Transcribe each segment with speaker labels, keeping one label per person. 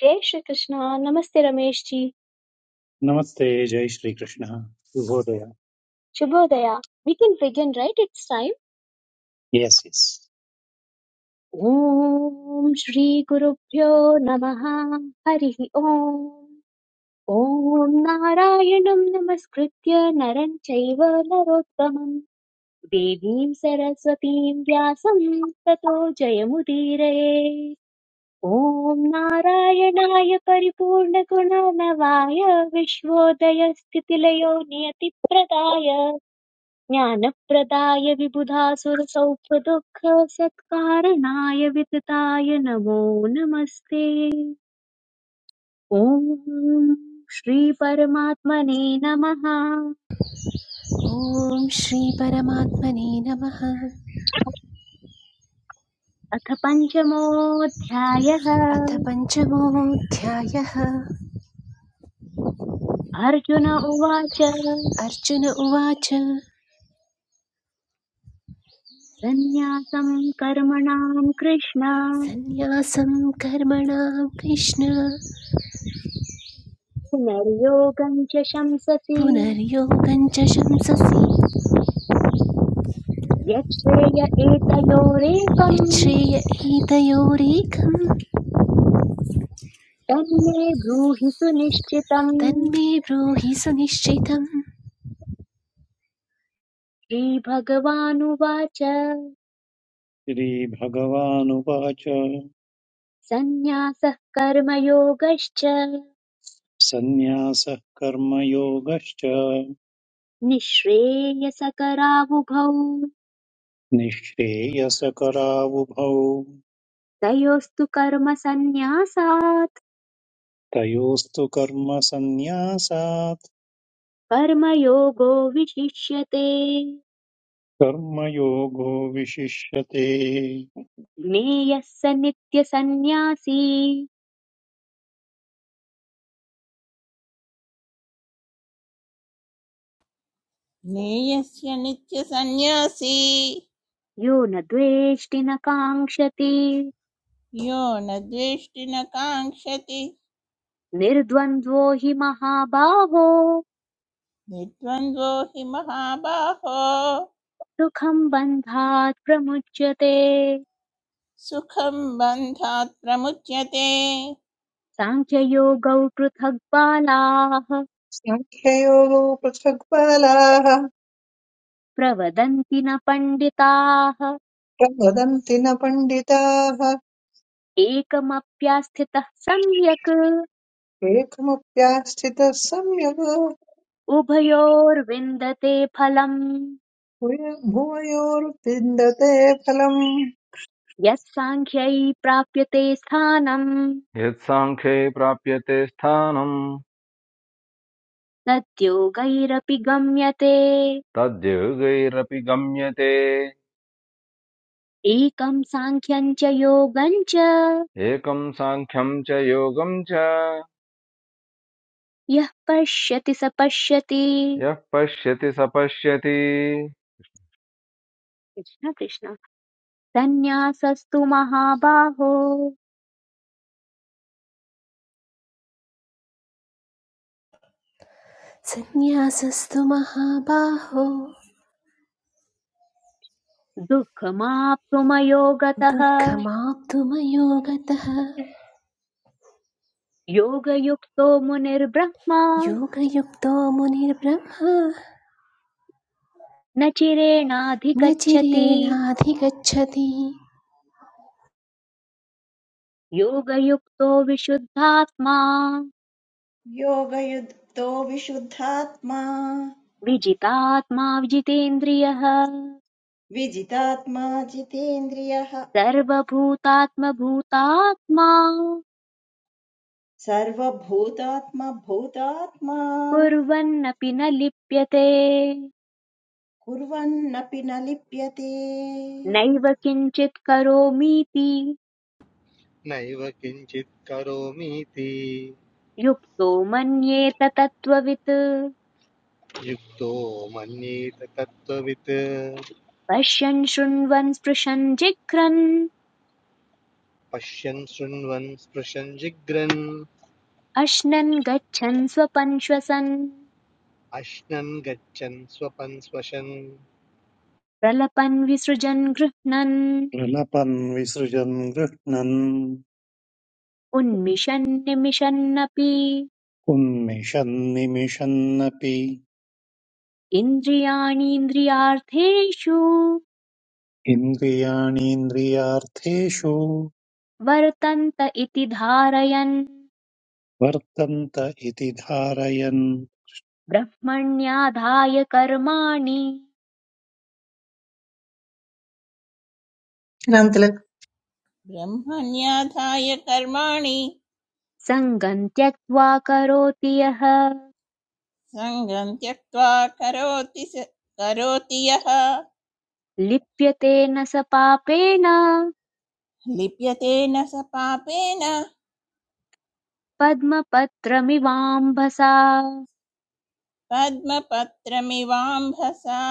Speaker 1: Jai Shri Krishna. Namaste Ramesh ji.
Speaker 2: नमस्ते जय Shri Krishna शुभोदय
Speaker 1: Shubhodaya. We can begin, right? It's time.
Speaker 2: S S
Speaker 1: Om Shri Guru Pyo Namaha Hari Om. Om Narayanam Namaskritya Naran Chaiva Narottamam Devim Saraswatim Vyasam Tato Jayamudire. ॐ नारायणाय परिपूर्णगुणनवाय विश्वोदयस्थितिलयो नियतिप्रदाय ज्ञानप्रदाय विबुधासुरसौख्यदुःखसत्कारणाय वितताय नमो नमस्ते ॐ श्रीपरमात्मने नमः
Speaker 3: ॐ श्री परमात्मने नमः
Speaker 1: अथ पञ्चमोऽध्यायः
Speaker 3: अथ पञ्चमोऽध्यायः
Speaker 1: अर्जुन उवाच
Speaker 3: अर्जुन उवाच
Speaker 1: सन्न्यासं कर्मणां कृष्ण
Speaker 3: सन्न्यासं कर्मणां कृष्ण
Speaker 1: पुनर्योगं च शंससि
Speaker 3: पुनर्योगं च शंससि
Speaker 1: यच्छ्रेय एतयोरेकम्
Speaker 3: यच्छ्रेय एतयोरेकं
Speaker 1: तन्मे ब्रूहि सुनिश्चितम्
Speaker 3: तन्मे ब्रूहि सुनिश्चितं
Speaker 1: श्रीभगवानुवाच
Speaker 2: श्रीभगवानुवाच
Speaker 1: सन्न्यासः कर्मयोगश्च
Speaker 2: सन्न्यासः कर्मयोगश्च
Speaker 1: निःश्रेयसकरावुभौ
Speaker 2: निःश्रेयसकरावुभौ
Speaker 1: तयोस्तु कर्मसन्न्यासात्
Speaker 2: तयोस्तु कर्मसन्न्यासात्
Speaker 1: कर्मयोगो विशिष्यते
Speaker 2: कर्मयोगो विशिष्यते
Speaker 1: ज्ञेयः स नित्यसन्न्यासी
Speaker 4: ज्ञेयस्य नित्यसन्न्यासी
Speaker 1: यो न द्वेष्टि न काङ्क्षति
Speaker 4: यो न द्वेष्टि न काङ्क्षति
Speaker 1: निर्द्वन्द्वो हि महाबाहो
Speaker 4: निर्द्वन्द्वो हि महाबाहो
Speaker 1: सुखम् बन्धात् प्रमुच्यते
Speaker 4: सुखं बन्धात् प्रमुच्यते
Speaker 1: साङ्ख्ययोगौ पृथग् बालाः
Speaker 5: सङ्ख्ययोगो पृथग्बालाः
Speaker 1: प्रवदन्ति न पण्डिताः
Speaker 5: प्रवदन्ति न पण्डिताः
Speaker 1: एकमप्यास्थितः सम्यक्
Speaker 5: एकमप्यास्थितः संयोगो
Speaker 1: उभयोर्विन्दते फलम्
Speaker 5: भूय- भूयोर्विन्दते फलम्
Speaker 1: यत् साङ्ख्यै प्राप्यते स्थानम्
Speaker 6: यत्साङ्ख्ये प्राप्यते स्थानम्
Speaker 1: तद्योगैरपि गम्यते
Speaker 6: तद्योगैरपि गम्यते
Speaker 1: एकं साङ्ख्यं च योगं च
Speaker 6: एकं साङ्ख्यं च योगं च
Speaker 1: यः पश्यति स पश्यति
Speaker 6: यः पश्यति स पश्यति
Speaker 1: कृष्ण कृष्ण सन्न्यासस्तु महाबाहो
Speaker 3: सन्न्यासस्तु महाबाहो
Speaker 1: दुःखमाप्तुमयोगतः
Speaker 3: दुःखमाप्तुमयोगतः
Speaker 1: योगयुक्तो मुनिर्ब्रह्मा
Speaker 3: योगयुक्तो मुनिर्ब्रह्मा
Speaker 1: न
Speaker 3: न
Speaker 1: चिरेणाधिगच्छति
Speaker 3: चिरेणाधिगच्छति
Speaker 1: योगयुक्तो विशुद्धात्मा
Speaker 7: योगयुक्तो विशुद्धात्मा
Speaker 1: विजितात्मा विजितेन्द्रियः
Speaker 7: विजितात्मा जितेन्द्रियः
Speaker 1: सर्वभूतात्मभूतात्मा
Speaker 7: सर्वभूतात्मभूतात्मा
Speaker 1: कुर्वन्नपि न लिप्यते
Speaker 7: कुर्वन्नपि न लिप्यते
Speaker 1: नैव किञ्चित् करोमीति
Speaker 8: नैव किञ्चित् करोमीति
Speaker 1: युक्तो मन्येत तत्त्ववित्
Speaker 8: युक्तो मन्येत तत्त्ववित्
Speaker 1: पश्यन् शृण्वन् स्पृशन् जिघ्रन्
Speaker 8: पश्यन् शृण्वन् स्पृशन् जिघ्रन्
Speaker 1: अश्नन् गच्छन् स्वपन् श्वसन्
Speaker 8: अश्नन् गच्छन् स्वपन् स्वशन्
Speaker 1: प्रलपन् विसृजन् गृह्णन्
Speaker 2: प्रलपन् विसृजन् गृह्णन्
Speaker 1: उन्मिषन्निमिषन्नपि
Speaker 2: उन्मिषन् निमिषन्नपि
Speaker 1: इन्द्रियाणीन्द्रियार्थेषु
Speaker 2: इन्द्रियाणीन्द्रियार्थेषु
Speaker 1: वर्तन्त इति धारयन्
Speaker 2: वर्तन्त इति धारयन्
Speaker 1: ब्रह्मण्याधाय कर्माणि
Speaker 5: अनन्तरं
Speaker 4: ब्रह्मण्याधाय कर्माणि
Speaker 1: सङ्गम् त्यक्त्वा करोति यः
Speaker 4: सङ्गं त्यक्त्वा करोति स करोति यः
Speaker 1: लिप्यते न स पापेन
Speaker 4: लिप्यते न स पापेन
Speaker 1: पद्मपत्रमिवाम्भसा
Speaker 4: पद्मपत्रमिवाम्भसा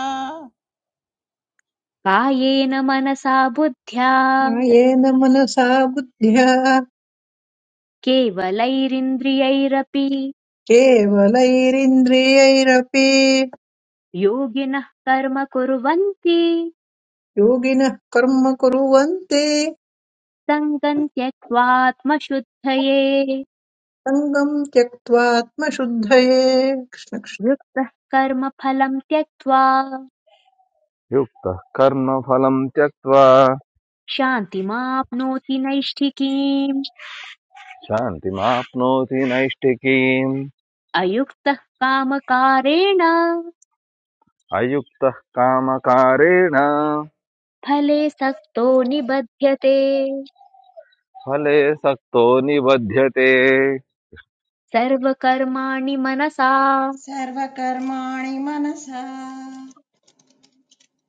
Speaker 1: कायेन मनसा बुद्ध्या
Speaker 5: कायेन मनसा बुद्ध्या
Speaker 1: केवलैरिन्द्रियैरपि
Speaker 5: केवलैरिन्द्रियैरपि
Speaker 1: योगिनः कर्म कुर्वन्ति
Speaker 5: योगिनः कर्म कुर्वन्ति
Speaker 1: सङ्गम् त्यक्त्वात्मशुद्धये
Speaker 5: सङ्गम् त्यक्त्वात्मशुद्धये कृष्ण कृष्ण।
Speaker 1: युक्तः कर्मफलम् त्यक्त्वा
Speaker 6: युक्तः कर्मफलं त्यक्त्वा
Speaker 1: शान्तिमाप्नोति नैष्ठिकीम्
Speaker 6: शान्तिमाप्नोति नैष्टिकीम्
Speaker 1: अयुक्तः कामकारेण
Speaker 6: अयुक्तः कामकारेण
Speaker 1: फले सक्तो निबध्यते
Speaker 6: फले सक्तो निबध्यते
Speaker 1: सर्वकर्माणि मनसा
Speaker 7: सर्वकर्माणि मनसा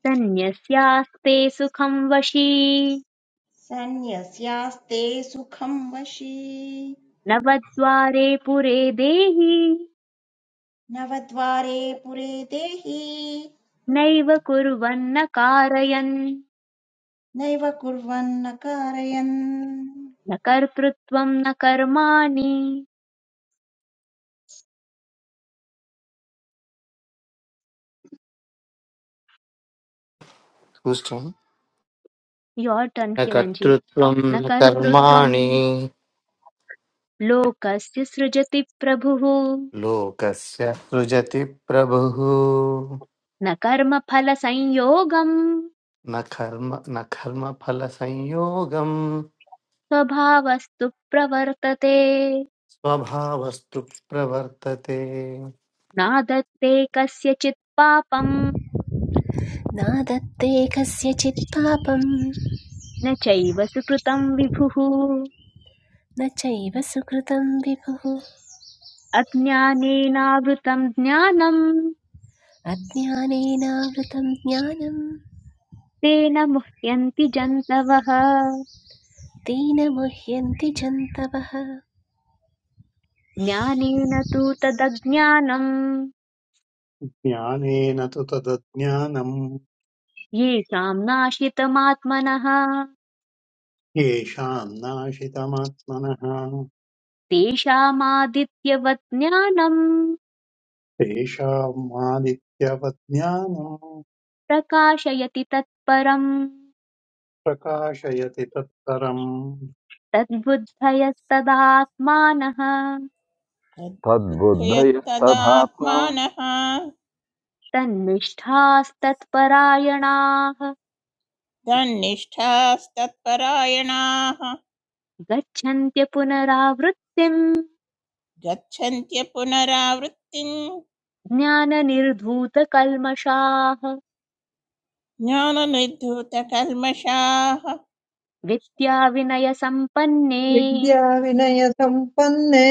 Speaker 1: सन्न्यस्यास्ते सुखं वशी
Speaker 7: सन्न्यस्यास्ते सुखं वशी
Speaker 1: नवद्वारे पुरे देहि
Speaker 7: नवद्वारे पुरे देहि
Speaker 1: नैव कुर्वन्न कारयन्
Speaker 7: नैव कुर्वन्न कारयन्
Speaker 1: न कर्तृत्वं न कर्माणि
Speaker 8: तुष्टिं न
Speaker 1: Your turn, Kiranji.
Speaker 8: कर्तृत्वं
Speaker 1: न
Speaker 8: न
Speaker 1: कर्तृत्वं
Speaker 8: कर्माणि
Speaker 1: लोकस्य सृजति प्रभुः
Speaker 8: लोकस्य सृजति प्रभुः
Speaker 1: न कर्मफलसंयोगं
Speaker 8: न कर्म न कर्मफलसंयोगं
Speaker 1: स्वभावस्तु प्रवर्तते
Speaker 8: स्वभावस्तु प्रवर्तते
Speaker 1: नादत्ते कस्यचित् पापं
Speaker 3: न दत्ते कस्यचित् पापं
Speaker 1: न चैव सुकृतं विभुः
Speaker 3: न चैव सुकृतं विभुः
Speaker 1: अज्ञानेनावृतं ज्ञानं
Speaker 3: अज्ञानेनावृतं ज्ञानं
Speaker 1: तेन मुह्यन्ति जन्तवः
Speaker 3: तेन मुह्यन्ति जन्तवः
Speaker 1: ज्ञानेन तु तदज्ञानं
Speaker 2: ज्ञानेन तु तदज्ञानम्
Speaker 1: येषां नाशितमात्मनः
Speaker 2: येषाम् नाशितमात्मनः
Speaker 1: तेषामादित्यवत् ज्ञानम्
Speaker 2: तेषाम् आदित्यवत् ज्ञानम्
Speaker 1: प्रकाशयति तत्परम्
Speaker 2: प्रकाशयति तत्परम्
Speaker 1: तद्बुद्धयस्तदात्मानः
Speaker 6: तद्बुद्धयस्तथात्मा
Speaker 4: तद्बुद्धयत्तदात्मानः
Speaker 1: तन्निष्ठास्तत्परायणाः
Speaker 4: तन्निष्ठास्तत्परायणाः
Speaker 1: गच्छन्त्य पुनरावृत्तिम्
Speaker 4: गच्छन्त्य पुनरावृत्तिम्
Speaker 1: ज्ञाननिर्धूतकल्मषाः
Speaker 4: ज्ञाननिर्धूतकल्मषाः
Speaker 1: विद्याविनयसम्पन्ने
Speaker 5: विद्या विनयसम्पन्ने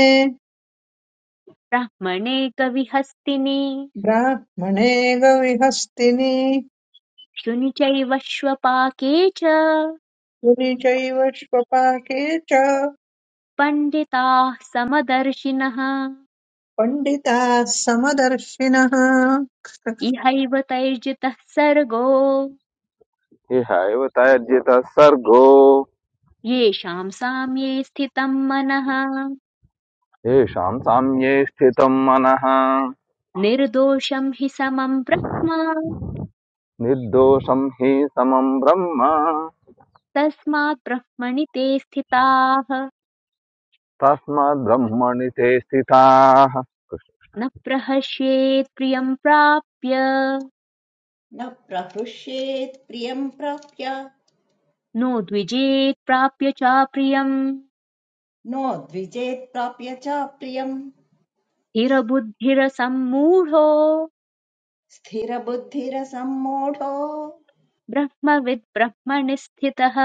Speaker 1: ब्रह्मणे कविहस्तिने
Speaker 5: ब्राह्मणे गविहस्तिनि
Speaker 1: शुनि चैव श्वपाके च
Speaker 5: पुनि चैव श्वपाके च
Speaker 1: पण्डिताः समदर्शिनः
Speaker 5: पण्डिताः समदर्शिनः
Speaker 1: इहैव तैर्जितः सर्गो
Speaker 6: इहैव त्यज्यतः सर्गो
Speaker 1: येषाम् साम्ये स्थितम् मनः
Speaker 6: येषाम् साम्ये स्थितं मनः
Speaker 1: निर्दोषम् हि समम् ब्रह्म
Speaker 6: निर्दोषं हि समं ब्रह्म
Speaker 1: तस्मात् ब्रह्मणि ते स्थिताः
Speaker 6: तस्माद्ब्रह्मणि ते स्थिताः
Speaker 1: न प्रहस्येत् प्रियम् प्राप्य
Speaker 7: न प्रहृष्येत् प्रियं प्राप्य
Speaker 1: नो द्विजेत् प्राप्य च प्रियम्
Speaker 7: नोद्विजेत्प्राप्य च प्रियम्
Speaker 1: स्थिरबुद्धिरसम्मूढो
Speaker 7: स्थिरबुद्धिरसम्मूढो
Speaker 1: ब्रह्मविद् ब्रह्मणि स्थितः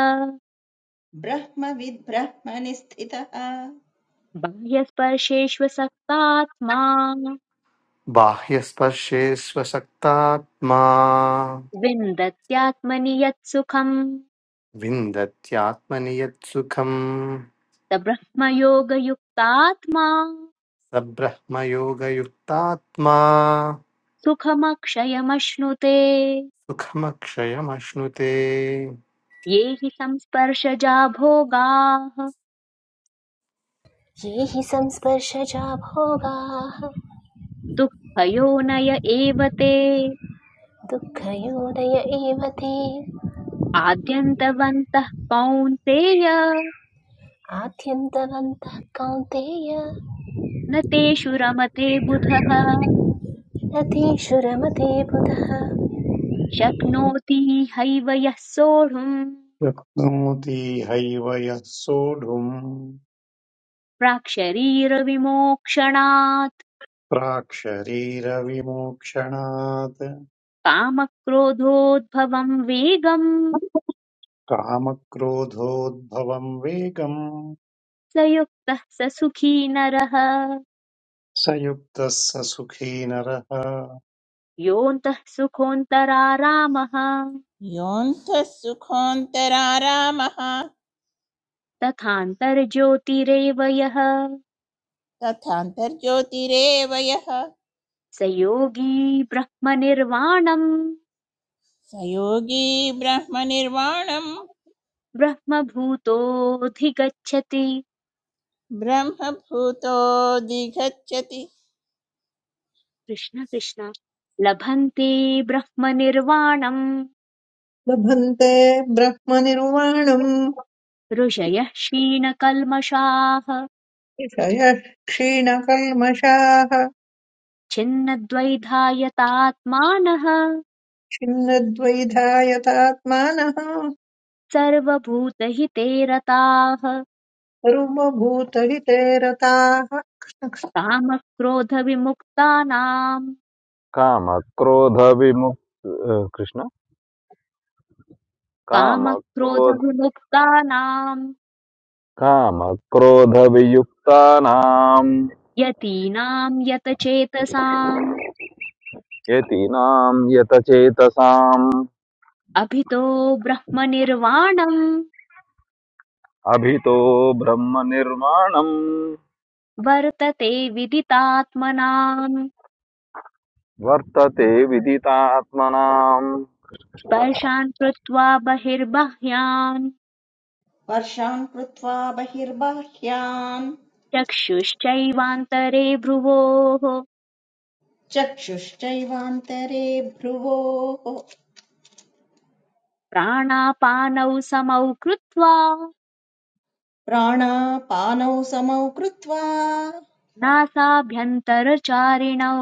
Speaker 7: ब्रह्मविद् ब्रह्मनि स्थितः
Speaker 1: बाह्यस्पर्शेष्व
Speaker 8: बाह्यस्पर्शेष्वशक्तात्मा
Speaker 1: विन्दत्यात्मनि यत्सुखम्
Speaker 8: विन्दत्यात्मनि यत्सुखम्
Speaker 1: स ब्रह्मयोगयुक्तात्मा
Speaker 8: स ब्रह्मयोगयुक्तात्मा
Speaker 1: सुखमक्षयमश्नुते
Speaker 8: सुखमक्षयमश्नुते
Speaker 1: ये हि संस्पर्शजा भोगाः
Speaker 3: ये हि संस्पर्शजा भोगाः
Speaker 1: दुःखयोनय एव ते
Speaker 3: दुःखयोदय एव ते
Speaker 1: आद्यन्तवन्तः कौन्तेय
Speaker 3: आद्यन्तवन्तः कौन्तेय
Speaker 1: न तेषु रमते बुधः
Speaker 3: रतेषु रमते बुधः
Speaker 1: शक्नोति हैव यः सोढुम्
Speaker 2: शक्नोति हैव यः सोढुम्
Speaker 1: प्राक्शरीरविमोक्षणात्
Speaker 2: प्राक्शरीरविमोक्षणात्
Speaker 1: कामक्रोधोद्भवम् वेगम्
Speaker 2: कामक्रोधोद्भवम् वेगम्
Speaker 1: स युक्तः स सुखी नरः
Speaker 2: स युक्तः स सुखी नरः
Speaker 1: योऽन्तः सुखोऽन्तरारामः
Speaker 4: योऽन्तः सुखोऽन्तरारामः
Speaker 1: तथान्तर्ज्योतिरेव यः
Speaker 4: तथान्तर्ज्योतिरेव यः
Speaker 1: स योगी ब्रह्मनिर्वाणम्
Speaker 4: स योगी ब्रह्मनिर्वाणम्
Speaker 1: ब्रह्मभूतोऽधिगच्छति
Speaker 4: ब्रह्मभूतोऽधिगच्छति
Speaker 1: कृष्ण कृष्ण लभन्ते ब्रह्मनिर्वाणम्
Speaker 5: लभन्ते ब्रह्मनिर्वाणम्
Speaker 1: ऋषयः क्षीणकल्मषाः
Speaker 5: ऋषयः क्षीणकल्मषाः
Speaker 1: छिन्नद्वैधायतात्मानः
Speaker 5: छिन्नद्वैधायतात्मानः
Speaker 1: सर्वभूतहिते रताः
Speaker 5: सर्वभूतहिते रताः
Speaker 1: कामक्रोधविमुक्तानाम्
Speaker 6: कामक्रोधविमुक्त अ, कृष्ण कामक्रोध
Speaker 1: कामक्रोधविमुक्तानाम्
Speaker 6: कामक्रोधवियुक्तानां
Speaker 1: यतीनाम् यतचेतसाम्
Speaker 6: यतीनां यतचेतसाम्
Speaker 1: अभितो ब्रह्मनिर्वाणम्
Speaker 6: अभितो ब्रह्मनिर्माणम्
Speaker 1: वर्तते विदितात्मनाम्
Speaker 6: वर्तते विदितात्मनाम्
Speaker 1: स्पर्शान् कृत्वा बहिर्बाह्यान्
Speaker 7: वर्षान् कृत्वा बहिर्बाह्यान्
Speaker 1: चक्षुश्चैवान्तरे भ्रुवोः
Speaker 7: चक्षुश्चैवान्तरे भ्रुवोः
Speaker 1: प्राणापानौ समौ कृत्वा
Speaker 7: प्राणापानौ समौ कृत्वा
Speaker 1: नासाभ्यन्तरचारिणौ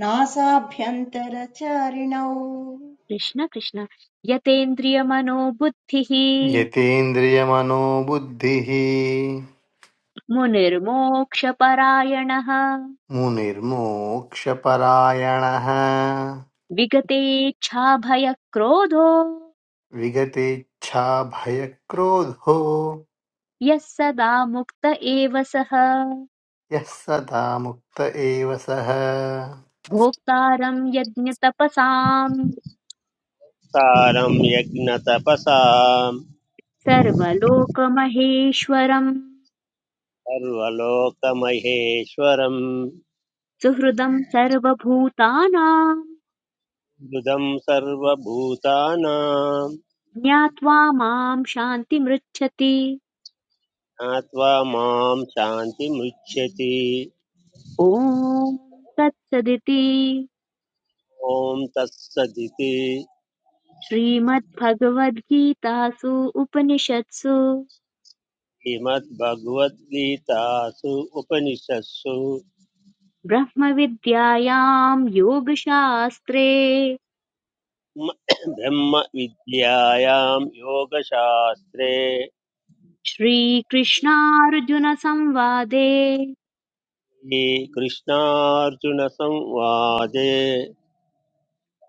Speaker 7: नासाभ्यन्तरचारिणौ
Speaker 1: कृष्ण कृष्ण यतेन्द्रियमनोबुद्धिः
Speaker 8: यतेन्द्रियमनोबुद्धिः
Speaker 1: मुनिर्मोक्षपरायणः
Speaker 8: मुनिर्मोक्षपरायणः
Speaker 1: विगतेच्छाभयक्रोधो
Speaker 8: विगतेच्छाभयक्रोधो
Speaker 1: यः सदा मुक्त एव सः
Speaker 8: यः सदा मुक्त एव सः
Speaker 1: भोक्तारम् यज्ञतपसाम्
Speaker 9: सारं यज्ञतपसाम्
Speaker 1: सर्वलोकमहेश्वरम्
Speaker 9: सर्वलोकमहेश्वरम्
Speaker 1: सुहृदम् सर्वभूतानाम्
Speaker 9: बुधं सर्वभूतानां
Speaker 1: ज्ञात्वा माम् शान्तिमृच्छति
Speaker 9: ज्ञात्वा मां शान्तिमुच्यति
Speaker 1: ॐ तत्सदिति
Speaker 9: ॐ तत्सदिति
Speaker 1: श्रीमद्भगवद्गीतासु उपनिषत्सु
Speaker 9: श्रीमद्भगवद्गीतासु उपनिषत्सु
Speaker 1: ब्रह्मविद्यायाम् योगशास्त्रे
Speaker 9: म- ब्रह्मविद्यायां योगशास्त्रे
Speaker 1: श्रीकृष्णार्जुनसंवादे
Speaker 9: श्रीकृष्णार्जुनसंवादे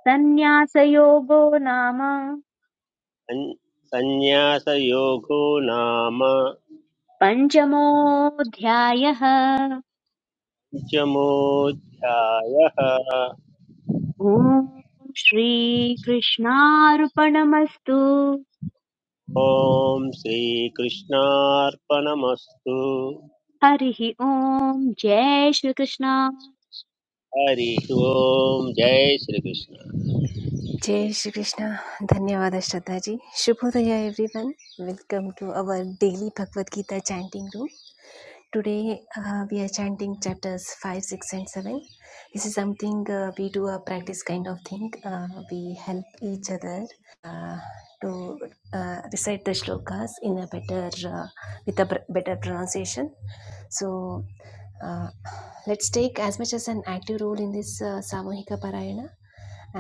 Speaker 1: सन्न्यासयोगो नाम
Speaker 9: सन्- सन्न्यासयोगो नाम
Speaker 1: पञ्चमोऽध्यायः
Speaker 9: पञ्चमोऽध्यायः
Speaker 1: ॐ श्रीकृष्णार्पणमस्तु
Speaker 9: ॐ श्रीकृष्णार्पणमस्तु
Speaker 1: हरिः ॐ जय श्रीकृष्ण
Speaker 9: हरिः ॐ जय श्रीकृष्ण
Speaker 3: जय श्री कृष्णा धन्यवाद श्रीदास जी शुभोदय everyone welcome to our daily Bhaktigita chanting room today we are chanting chapters five six and seven it's something we do a practice kind of thing we help each other to recite the slokas in a better with a better translation so let's take as much as an active role in this uh, samuhika parayana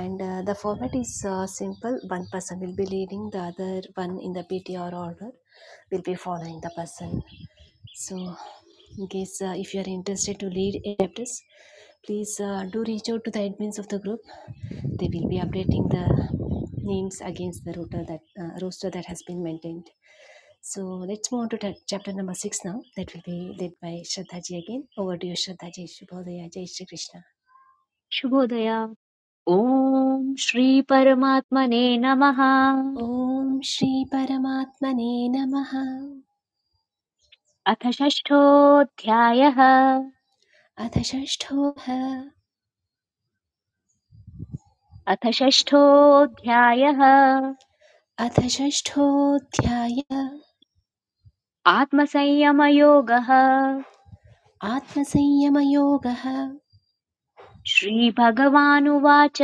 Speaker 3: and uh, the format is uh, simple one person will be leading the other one in the ptr order will be following the person so in case uh, if you are interested to lead a chapters please uh, do reach out to the admins of the group They will be updating the names against the router that uh, roster that has been maintained. So let's move on to ta- chapter number six now. That will be led by Shraddhaji again. Over to you, Shraddhaji. Shubhodaya, Jai Shri Krishna.
Speaker 1: शुभोदय ॐ श्रीपरमात्मने नमः
Speaker 3: Om Shri Paramatmane Namaha.
Speaker 1: अथ षष्ठोऽध्यायः
Speaker 3: अथ षष्ठोऽध
Speaker 1: अथ षष्ठोऽध्यायः
Speaker 3: अथ षष्ठोऽध्याय
Speaker 1: आत्मसंयमयोगः
Speaker 3: आत्मसंयमयोगः
Speaker 1: श्रीभगवानुवाच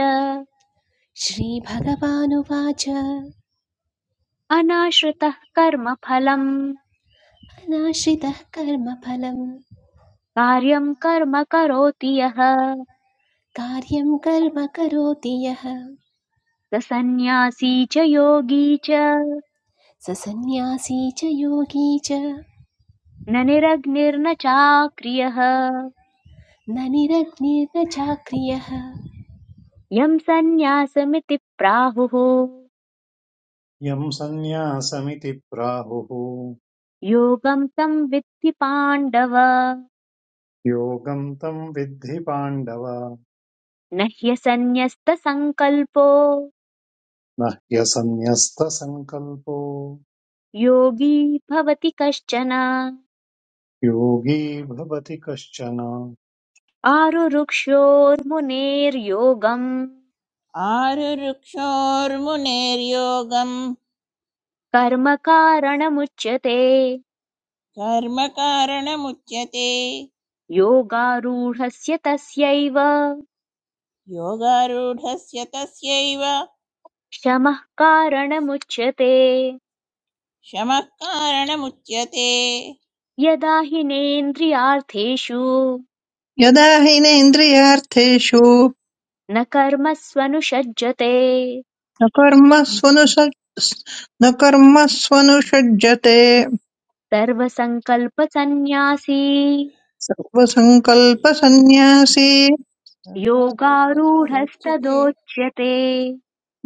Speaker 3: श्रीभगवानुवाच
Speaker 1: अनाश्रितः कर्मफलम्
Speaker 3: अनाश्रितः कर्मफलम्
Speaker 1: कार्यम् कर्म करोति यः
Speaker 3: कार्यं कर्म करोति यः
Speaker 1: स सन्न्यासी च योगी च
Speaker 3: स सन्न्यासी च योगी च न
Speaker 1: न निरग्निर्न चाक्रियः
Speaker 3: निरग्निर्न चाक्रियः
Speaker 1: यम् सन्न्यासमिति प्राहुः
Speaker 2: यं सन्न्यासमिति प्राहुः
Speaker 1: योगम् तं विद्धि पाण्डव
Speaker 2: योगं तं विद्धि पाण्डव
Speaker 1: न ह्यसन्न्यस्तसङ्कल्पो
Speaker 2: न ह्यसन्न्यस्तसङ्कल्पो
Speaker 1: योगी भवति कश्चन
Speaker 2: योगी भवति कश्चन
Speaker 1: आरुरुक्षोर्मुनेर्योगम्
Speaker 4: आरुरुक्षोर्मुनेर्योगम्
Speaker 1: कर्म कारणमुच्यते
Speaker 4: कर्मकारणमुच्यते
Speaker 1: योगारूढस्य तस्यैव
Speaker 4: योगारूढस्य तस्यैव
Speaker 1: शमः कारणमुच्यते
Speaker 4: शमः कारणमुच्यते
Speaker 1: यदा हिनेन्द्रियार्थेषु
Speaker 5: यदा हीनेन्द्रियार्थेषु
Speaker 1: न कर्मस्वनुषज्जते
Speaker 5: न कर्मस्वनुस न कर्मस्वनुषज्जते
Speaker 1: सर्वसङ्कल्पसन्न्यासी
Speaker 5: सर्वसङ्कल्पसन्न्यासी
Speaker 4: तदारूढस्तदुच्यते
Speaker 1: योगारूढस्तदोच्यते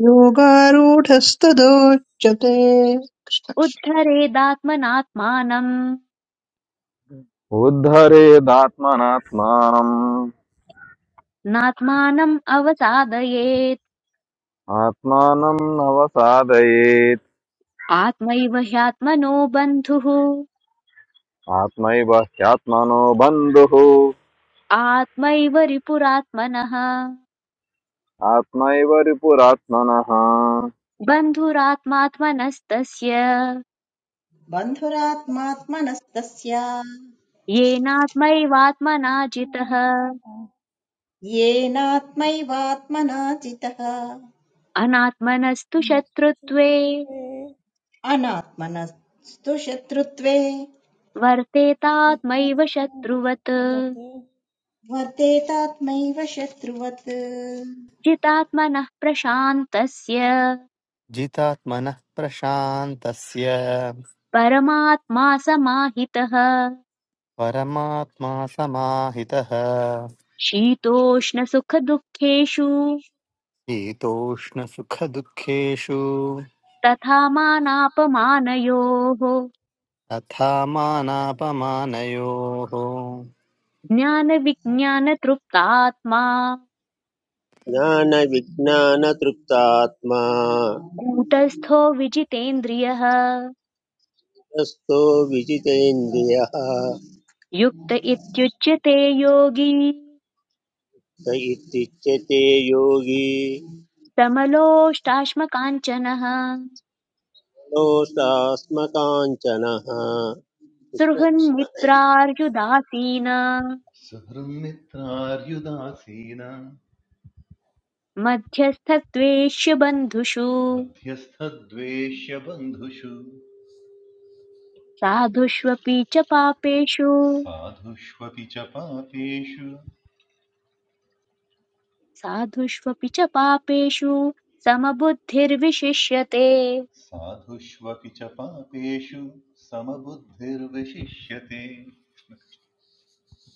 Speaker 5: योगारूढस्तदोच्यते
Speaker 1: उद्धरेदात्मनात्मानम्
Speaker 6: उद्धरेदात्मनात्मानम्
Speaker 1: नात्मानम् अवसादयेत्
Speaker 6: आत्मानं नवसादयेत्
Speaker 1: आत्मैव ह्यात्मनो बन्धुः
Speaker 6: आत्मैव ह्यात्मनो बन्धुः
Speaker 1: आत्मैव रिपुरात्मनः
Speaker 6: आत्मैव रिपुरात्मनः
Speaker 1: बन्धुरात्मात्मनस्तस्य
Speaker 7: बन्धुरात्मात्मनस्तस्य
Speaker 1: येनात्मैवात्मना जितः
Speaker 4: नाभिध
Speaker 7: येनात्मैवात्मना जितः
Speaker 1: अनात्मनस्तु शत्रुत्वे
Speaker 4: आत्मनिश्चेत्ते
Speaker 7: अनात्मनस्तु शत्रुत्वे
Speaker 1: वर्तेतात्मैव
Speaker 4: चेतस्याः
Speaker 1: शत्रुवत्
Speaker 4: शत्रुवत्
Speaker 7: वर्तेतात्मैव शत्रुवत्
Speaker 1: जितात्मनः प्रशान्तस्य
Speaker 8: जितात्मनः प्रशान्तस्य
Speaker 1: परमात्मा समाहितः
Speaker 8: परमात्मा समाहितः
Speaker 1: शीतोष्णसुखदुःखेषु
Speaker 8: शीतोष्णसुखदुःखेषु
Speaker 1: तथा मानापमानयोः
Speaker 8: तथा मानापमानयोः
Speaker 1: ज्ञानविज्ञानतृप्तात्मा
Speaker 9: ज्ञानविज्ञानतृप्तात्मा
Speaker 1: कूटस्थो विजितेन्द्रियः
Speaker 9: रस्तो विजितेन्द्रियः
Speaker 1: युक्त इत्युच्यते योगी
Speaker 9: स इत्युच्यते योगी
Speaker 1: समलोष्टाश्मकाञ्चनः
Speaker 9: दोषास्मकाञ्चनः
Speaker 1: सृहन्मित्रार्युदासीन
Speaker 10: सुहृन्मित्रार्युदासीन
Speaker 1: मध्यस्थद्वेष्य बन्धुषु
Speaker 10: मध्यस्थद्वेष्यबन्धुषु
Speaker 1: साधुष्वपि च पापेषु
Speaker 10: साधुष्वपि च पापेषु
Speaker 1: साधुष्वपि च पापेषु समबुद्धिर्विशिष्यते
Speaker 10: साधुष्वपि च पापेषु समबुद्धिर्विशिष्यते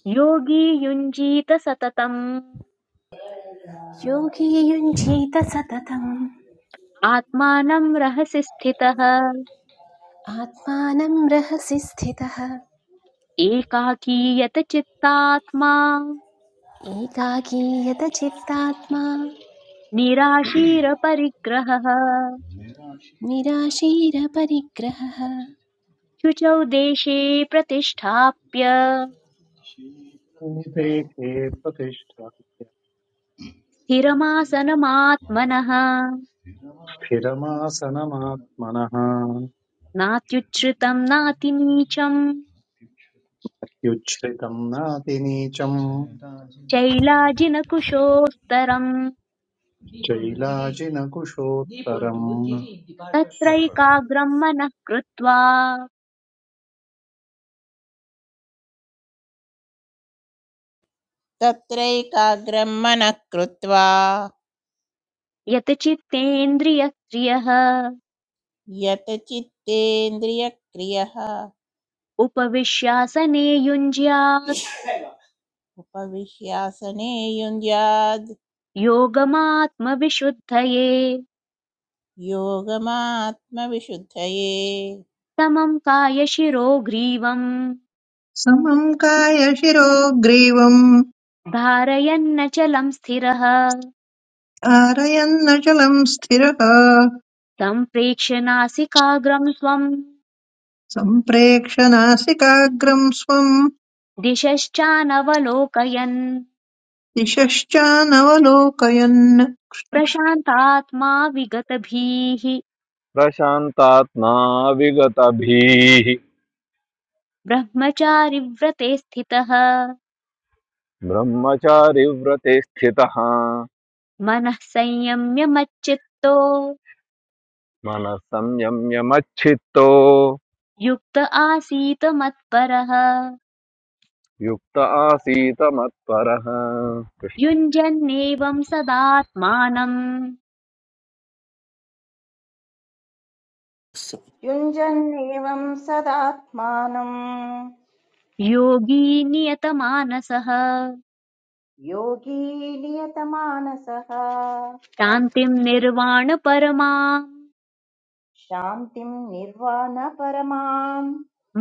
Speaker 1: योगी युञ्जीत सततम्
Speaker 3: योगी युञ्जीत सततम्
Speaker 1: आत्मानम् रहसि स्थितः
Speaker 3: आत्मानं रहसि स्थितः
Speaker 1: एकाकीयत चित्तात्मा
Speaker 3: एकाकीयत चित्तात्मा
Speaker 1: निराशीरपरिग्रहः
Speaker 10: निराशीन परिग्रह
Speaker 3: निराशीरपरिग्रहः
Speaker 1: शुचौ देशे प्रतिष्ठाप्य
Speaker 2: भूते के
Speaker 10: प्रतिष्ठाप्य
Speaker 2: प्रतिष्ठाप्य
Speaker 10: मनः
Speaker 1: स्थिरमासनमात्मनः
Speaker 10: स्थिरवासनमात्मनः
Speaker 2: स्थिरमासनमात्मनः
Speaker 1: नात्युच्छ्रितम् नातिनीचम्
Speaker 2: युच्छ्रितं नातिनीचं
Speaker 10: Chetaji.
Speaker 1: चैलाजिनकुशोत्तरम्
Speaker 10: दीपंटू तिरिद्धि दीपंटू
Speaker 2: चैलाजिनकुशोत्तरम्
Speaker 10: तिरिद्धि पार्ट
Speaker 1: तत्रैकाग्रम् मनः कृत्वा
Speaker 4: तत्रैकाग्रं मनः कृत्वा
Speaker 1: यतचित्तेन्द्रियक्रियः
Speaker 4: यत चित्तेन्द्रियक्रियः
Speaker 1: उपविश्यासने युञ्ज्यात्
Speaker 4: उपविश्यासने युञ्ज्याद्
Speaker 1: योगमात्मविशुद्धये
Speaker 4: योगमात्मविशुद्धये
Speaker 1: समं कायशिरो ग्रीवम्
Speaker 5: समं कायशिरो ग्रीवम्
Speaker 1: धारयन्नचलं स्थिरः
Speaker 5: आरयन्नचलं स्थिरः
Speaker 1: तं प्रेक्ष्य नासिकाग्रं स्वम्
Speaker 5: सम्प्रेक्ष नासिकाग्रं स्वं
Speaker 1: दिशश्चानवलोकयन्
Speaker 5: दिशश्चानवलोकयन्
Speaker 1: प्रशान्तात्मा विगतभीः
Speaker 6: प्रशान्तात्मा विगतभीः
Speaker 1: ब्रह्मचारिव्रते स्थितः
Speaker 6: ब्रह्मचारि व्रते स्थितः
Speaker 1: मनः संयम्य मच्चित्तो
Speaker 6: मनः संयम्य मच्चित्तो
Speaker 1: युक्त आसीत् मत्परः
Speaker 6: युक्त आसीत मत्परः
Speaker 1: युञ्जन्नेवं सदात्मानं
Speaker 8: स-
Speaker 7: युञ्जन्नेवं सदात्मानम्
Speaker 1: योगी नियतमानसः
Speaker 7: योगी नियतमानसः
Speaker 1: शान्तिं निर्वाणपरमां
Speaker 7: शान्तिं निर्वाणपरमां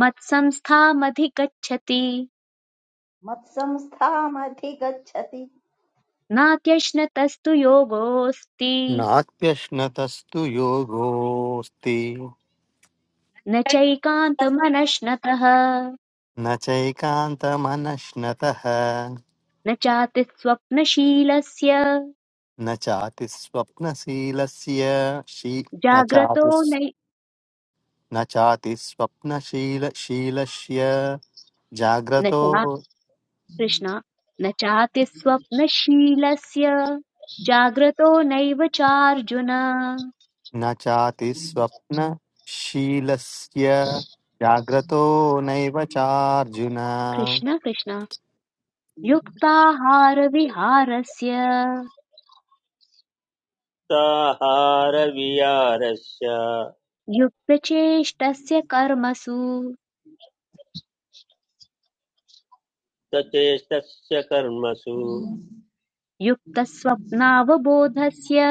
Speaker 1: मत्संस्थामधिगच्छति
Speaker 7: मत्संस्थामधिगच्छति
Speaker 1: नात्यश्नतस्तु योगोऽस्ति
Speaker 8: नाप्यश्नतस्तु योगोऽस्ति
Speaker 1: न चैकान्तमनश्नतः
Speaker 8: न चैकान्तमनश्नतः
Speaker 1: न चातिस्वप्नशीलस्य
Speaker 8: न चातिस्वप्नशीलस्य शी न
Speaker 1: जाग्रतो
Speaker 8: चातिस्
Speaker 1: नै
Speaker 8: न चातिस्वप्नशीलशीलस्य
Speaker 1: न चा
Speaker 8: जाग्रतो
Speaker 1: कृष्ण न चातिस्वप्नशीलस्य जाग्रतो नैव चार्जुन
Speaker 8: न चाति स्वप्नशीलस्य जाग्रतो नैव चार्जुन
Speaker 1: कृष्ण कृष्ण युक्ताहारविहारस्य
Speaker 9: कृष्णकृष्णहारविहारस्य
Speaker 1: युक्तचेष्टस्य कर्मसु
Speaker 9: सचेतस्य कर्मसु
Speaker 1: युक्तस्वप्नावबोधस्य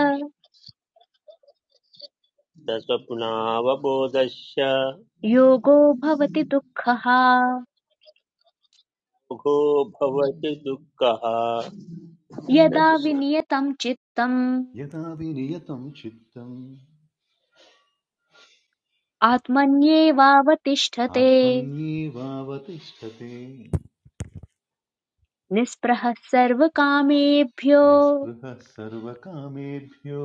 Speaker 9: सस्वप्नावबोधश्च
Speaker 1: योगो भवति दुःखः
Speaker 9: मुखो भवति दुःखः कृष्ण
Speaker 1: यदा
Speaker 9: कृष्ण।
Speaker 1: विनियतं चित्तम्
Speaker 10: यदा विनियतं चित्तम्
Speaker 1: आत्मन्येवावतिष्ठते
Speaker 10: आत्मन्येवावतिष्ठते
Speaker 1: निःस्पृहः सर्वकामेभ्यो
Speaker 10: निःस्पृहः सर्वकामेभ्यो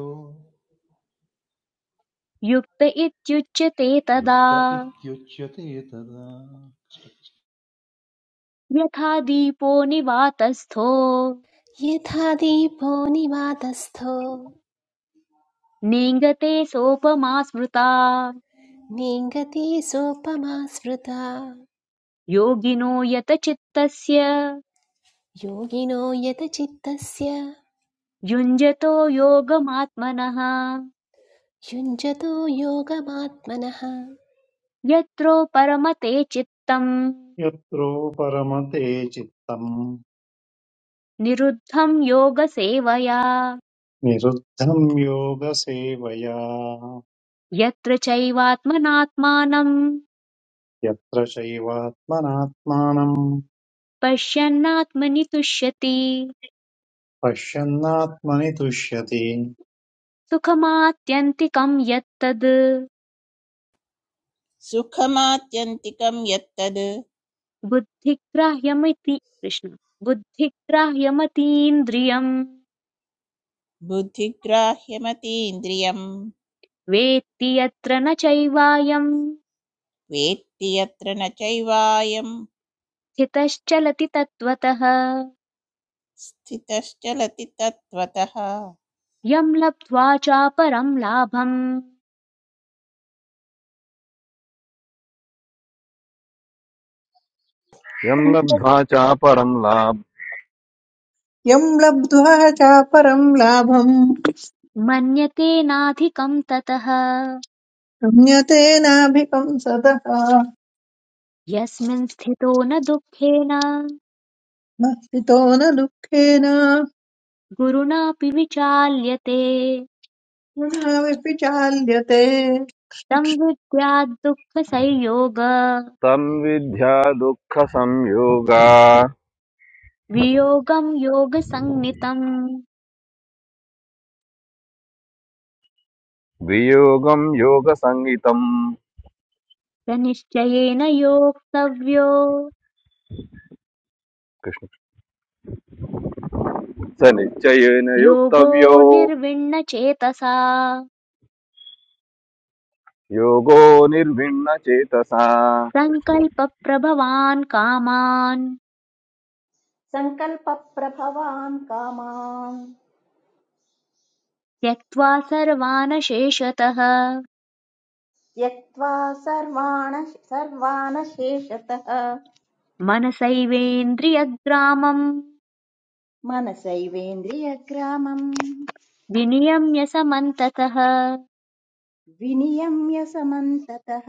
Speaker 1: युक्त इत्युच्यते तदा
Speaker 10: युक्त इत्युच्यते तदा
Speaker 1: यथा दीपो निवातस्थो
Speaker 3: यथा दीपो निवातस्थो
Speaker 1: नेङ्गते सोपमा स्मृता
Speaker 3: नेङ्गते सोपमा स्मृता
Speaker 1: योगिनो यतचित्तस्य
Speaker 3: योगिनो यत चित्तस्य
Speaker 1: युञ्जतो योगमात्मनः
Speaker 3: युञ्जतो योगमात्मनः
Speaker 1: यत्रो परमते चित्तम्
Speaker 2: यत्रो परमते चित्तम्
Speaker 1: निरुद्धं योगसेवया
Speaker 2: निरुद्धं योगसेवया
Speaker 1: यत्र चैवात्मनात्मानम्
Speaker 2: यत्र चैवात्मनात्मानं
Speaker 1: पश्यन्नात्मनि तुष्यति
Speaker 2: पश्यन्नात्मनि तुष्यति
Speaker 1: सुखमात्यन्तिकं यत्तद्
Speaker 4: सुखमात्यन्तिकं यत्तद्
Speaker 1: बुद्धिग्राह्यमिति कृष्ण बुद्धिग्राह्यमतीन्द्रियम्
Speaker 4: बुद्धिग्राह्यमतीन्द्रियं
Speaker 1: वेत्ति यत्र न चैवायम्
Speaker 4: वेत्ति यत्र न चैवायं
Speaker 1: स्थितश्चलति तत्त्वतः
Speaker 4: स्थितश्चलति तत्त्वतः
Speaker 1: यं लब्ध्वा चापरं लाभं
Speaker 6: यं लब्ध्वा चापरं लाभ
Speaker 5: यं लब्ध्वा चापरं लाभं
Speaker 1: मन्यतेनाधिकं ततः
Speaker 5: गम्यतेनाभिकं सतः
Speaker 1: यस्मिन् स्थितो न दुःखेन
Speaker 5: न स्थितो न दुःखेन न
Speaker 1: गुरुणापि विचाल्यते
Speaker 5: नाविपि चाल्यते
Speaker 1: तं विद्याद्दुःखसंयोग
Speaker 6: तं विद्या दुःखसंयोगा
Speaker 1: वियोगं योगसंज्ञितम्
Speaker 6: वियोगं योगसङ्गितम्
Speaker 1: स निश्चयेन योक्तव्यो
Speaker 6: सनिचयन
Speaker 1: योगो
Speaker 6: योगत्वियो
Speaker 1: निर्विण्णचेतसा
Speaker 6: योगो निर्विन्नचेतसा
Speaker 1: सङ्कल्पप्रभवान् कामान्
Speaker 7: सङ्कल्पप्रभवान् कामान्
Speaker 1: त्यक्त्वा सर्वानशेषतः
Speaker 7: त्यक्त्वा सर्वाण सर्वानशेषतः
Speaker 1: मनसैवेन्द्रियग्रामम्
Speaker 7: मनसैवेन्द्रियग्रामम्
Speaker 1: विनियम्य समन्ततः
Speaker 7: विनियम्य समन्ततः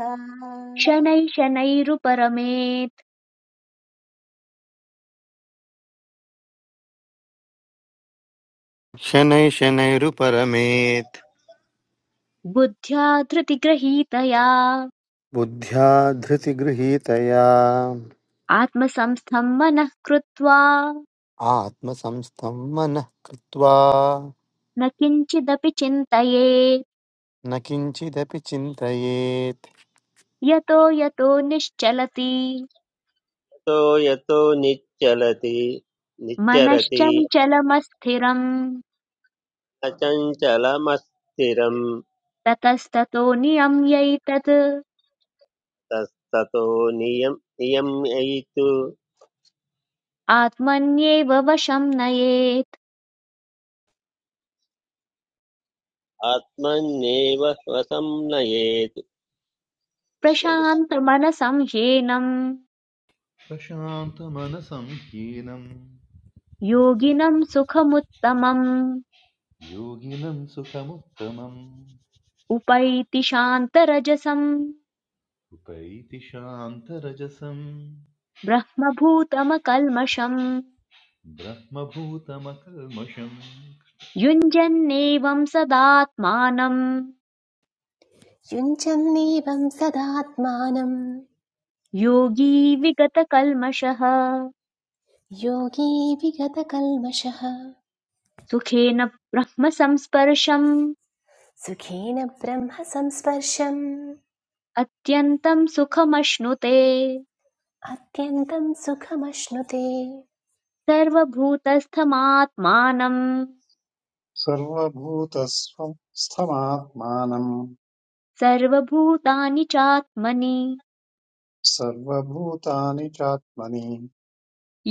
Speaker 1: शनैः शनैरुपरमेत्
Speaker 8: शनैः शनैरुपरमेत्
Speaker 1: बुद्ध्या धृतिग्रहीतया
Speaker 8: बुद्ध्या धृतिगृहीतया
Speaker 1: आत्मसंस्थम् मनः कृत्वा
Speaker 8: आत्मसंस्थं मनः कृत्वा
Speaker 1: न किञ्चिदपि चिन्तयेत्
Speaker 8: न किञ्चिदपि चिन्तयेत्
Speaker 1: यतो यतो निश्चलति
Speaker 9: यतो निच्चलति निच्चरति
Speaker 1: मनश्चञ्चलमस्थिरम्
Speaker 9: अचञ्चलमस्थिरं
Speaker 1: ततस्ततो नियम्यैतत्
Speaker 9: तस्ततो नियम नियम एतु
Speaker 1: आत्मन्येव वशं नयेत्
Speaker 9: आत्मन्नेव वसं नयेत् कृष्ण कृष्ण।
Speaker 1: प्रशान्तमनसं ह्येनम्
Speaker 10: प्रशान्तमनसं हीनं
Speaker 1: योगिनं सुखमुत्तमम्
Speaker 10: योगिनं सुखमुत्तमम्
Speaker 1: उपैति शान्तरजसं
Speaker 10: उपैति शान्तरजसं
Speaker 1: ब्रह्मभूतमकल्मषम्
Speaker 10: ब्रह्मभूतमकल्मषम्
Speaker 1: युञ्जन्नेवं सदात्मानं
Speaker 3: युञ्जन्नेवं सदात्मानं
Speaker 1: योगी विगतकल्मषः
Speaker 3: योगी विगतकल्मषः
Speaker 1: सुखेन ब्रह्मसंस्पर्शम्
Speaker 3: सुखेन ब्रह्म संस्पर्शम्
Speaker 1: अत्यन्तं सुखमश्नुते
Speaker 3: अत्यन्तं सुखमश्नुते
Speaker 1: सर्वभूतस्थमात्मानं
Speaker 2: सर्वभूतस्थमात्मानं
Speaker 1: सर्वभूतानि चात्मनि
Speaker 2: सर्वभूतानि चात्मनि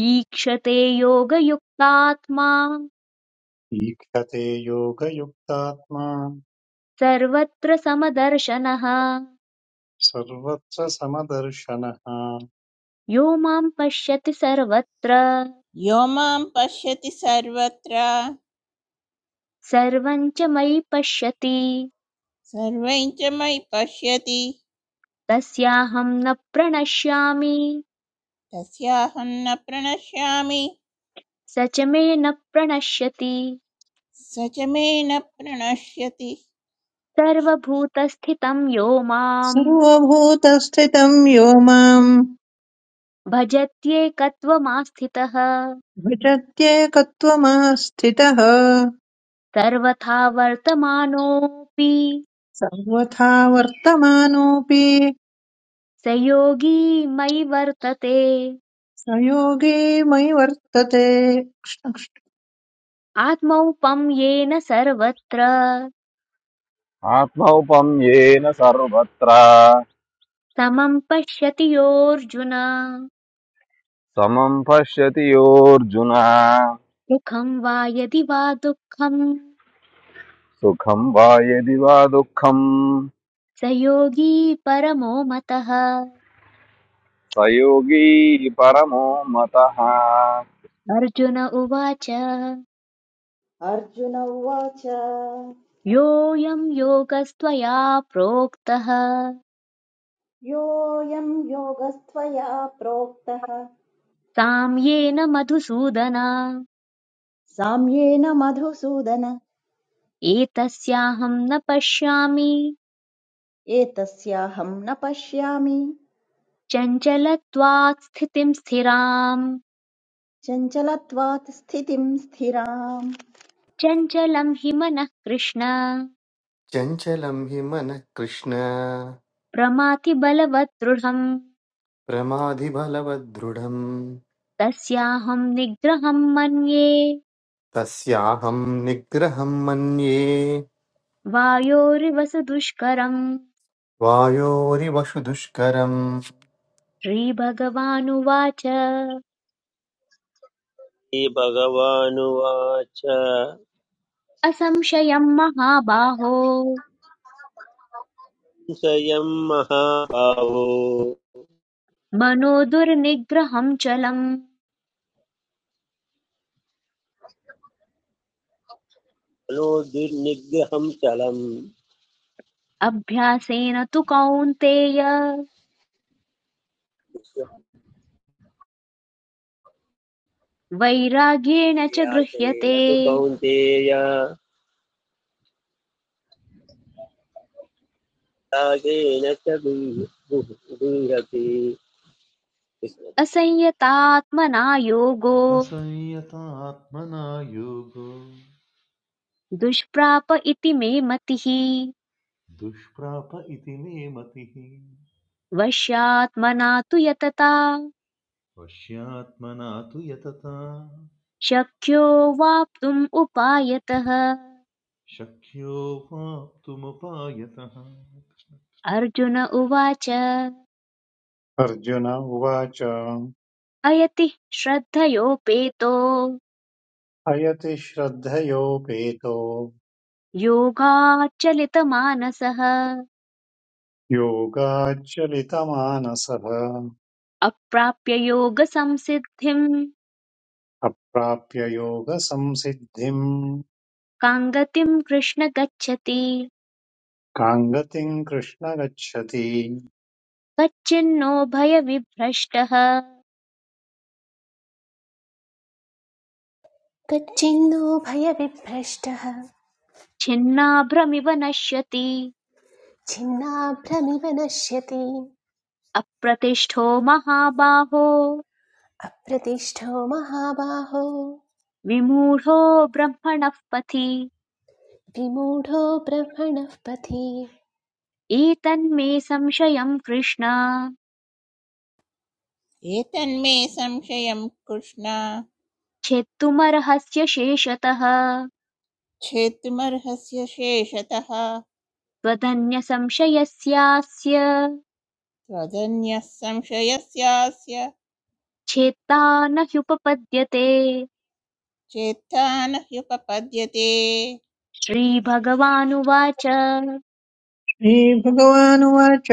Speaker 1: ईक्षते योगयुक्तात्मा
Speaker 2: ईक्षते योगयुक्तात्मा
Speaker 1: सर्वत्र समदर्शनः
Speaker 2: सर्वत्र समदर्शनः
Speaker 1: यो मां पश्यति सर्वत्र
Speaker 4: यो मां पश्यति सर्वत्र
Speaker 1: सर्वं च मयि पश्यति
Speaker 4: सर्वं च मयि पश्यति
Speaker 1: तस्याहं न प्रणश्यामि
Speaker 4: तस्याहं न प्रणश्यामि
Speaker 1: स च मे न प्रणश्यति
Speaker 4: स च मे न प्रणश्यति
Speaker 1: सर्वभूतस्थितं यो मां
Speaker 5: सर्वभूतस्थितं यो माम्
Speaker 1: भजत्येकत्वमास्थितः
Speaker 5: भजत्येकत्वमास्थितः
Speaker 1: सर्वथा वर्तमानोऽपि
Speaker 5: सर्वथा वर्तमानोऽपि
Speaker 1: स योगी मयि वर्तते
Speaker 5: स योगी मयि वर्तते
Speaker 1: आत्मौपं येन सर्वत्र
Speaker 6: आत्माओपम्येन सारोबत्रा
Speaker 1: समं पश्यति योऽर्जुन
Speaker 6: सम्पश्चित्योर्जुना
Speaker 1: सुखं वा यदि वा दुःखं
Speaker 6: सुखम् बायेदिवादुकम्
Speaker 1: स योगी परमो मतः
Speaker 6: सायोगी परमो मताहा
Speaker 1: अर्जुन उवाच
Speaker 7: अर्जुन उवाच
Speaker 1: योऽयं योगस्त्वया प्रोक्तः
Speaker 7: योऽयं योगस्त्वया प्रोक्तः
Speaker 1: साम्येन मधुसूदन
Speaker 7: साम्येन मधुसूदन
Speaker 1: एतस्याहं न पश्यामि
Speaker 7: एतस्याहं न पश्यामि
Speaker 1: चञ्चलत्वात् स्थितिं स्थिराम्
Speaker 7: चञ्चलत्वात् स्थितिं स्थिराम्
Speaker 1: चञ्चलं हि मनः कृष्ण
Speaker 8: चञ्चलं हि मनः कृष्ण
Speaker 1: प्रमाति बलवत् दृढम्
Speaker 8: प्रमाधिबलवद्दृढम्
Speaker 1: तस्याहं निग्रहं मन्ये
Speaker 8: तस्याहं निग्रहं मन्ये
Speaker 1: वायोरिव सुदुष्करम्
Speaker 8: वायोरिवशु दुष्करम्
Speaker 1: श्रीभगवानुवाच
Speaker 9: श्रीभगवानुवाच
Speaker 1: असंशयं महाबाहो
Speaker 9: संशयं महाभावो
Speaker 1: मनो दुर्निग्रहं चलम्
Speaker 9: मनो दुर्निग्रहं चलम्
Speaker 1: अभ्यासेन तु कौन्तेय वैराग्येण च
Speaker 9: विश्वाभ्यासेन
Speaker 1: गृह्यते
Speaker 9: तु कौन्तेय त्यागेन च गुह्- गुह्- गुह्यति कृष्ण कृष्ण।
Speaker 1: असंयतात्मना योगो
Speaker 10: असंयतात्मना योगो
Speaker 1: दुष्प्राप इति मे मतिः
Speaker 10: दुष्प्राप इति मे मतिः
Speaker 1: वश्यात्मना तु यतता
Speaker 10: वश्यात्मना तु यतता
Speaker 1: शक्यो वाप्तुम् उपायतः
Speaker 10: शक्यो वाप्तुमुपायतः
Speaker 1: अर्जुन उवाच
Speaker 2: अर्जुन उवाच
Speaker 1: अयति श्रद्धयोपेतो
Speaker 2: अयति श्रद्धयोपेतो
Speaker 1: योगाचलितमानसः
Speaker 2: योगाच्चलितमानसः
Speaker 1: अप्राप्य योगसंसिद्धिम्
Speaker 2: अप्राप्य योगसंसिद्धिम्
Speaker 1: काङ्गतिम् कृष्ण गच्छति
Speaker 2: कां गतिम् कृष्ण गच्छति
Speaker 1: कच्चिन्नो भयविभ्रष्टः
Speaker 3: तच्चिन्नो भयविभ्रष्टः
Speaker 1: छिन्नाभ्रमिव नश्यति
Speaker 3: छिन्नाभ्रमिव नश्यति
Speaker 1: अप्रतिष्ठो महाबाहो
Speaker 3: अप्रतिष्ठो महाबाहो
Speaker 1: विमूढो ब्रह्मणः पथि
Speaker 3: विमूढो ब्रह्मणः पथि
Speaker 1: एतन्मे संशयं कृष्ण
Speaker 4: एतन्मे संशयं कृष्ण
Speaker 1: छेत्तुमर्हस्य शेषतः
Speaker 4: छेत्तुमर्हस्य शेषतः
Speaker 1: त्वदन्यसंशयस्यास्य
Speaker 4: त्वदन्यः संशयस्यास्य
Speaker 1: छेत्ता न ह्युपपद्यते
Speaker 4: चेत्ता
Speaker 1: श्रीभगवानुवाच
Speaker 5: श्रीभगवानुवाच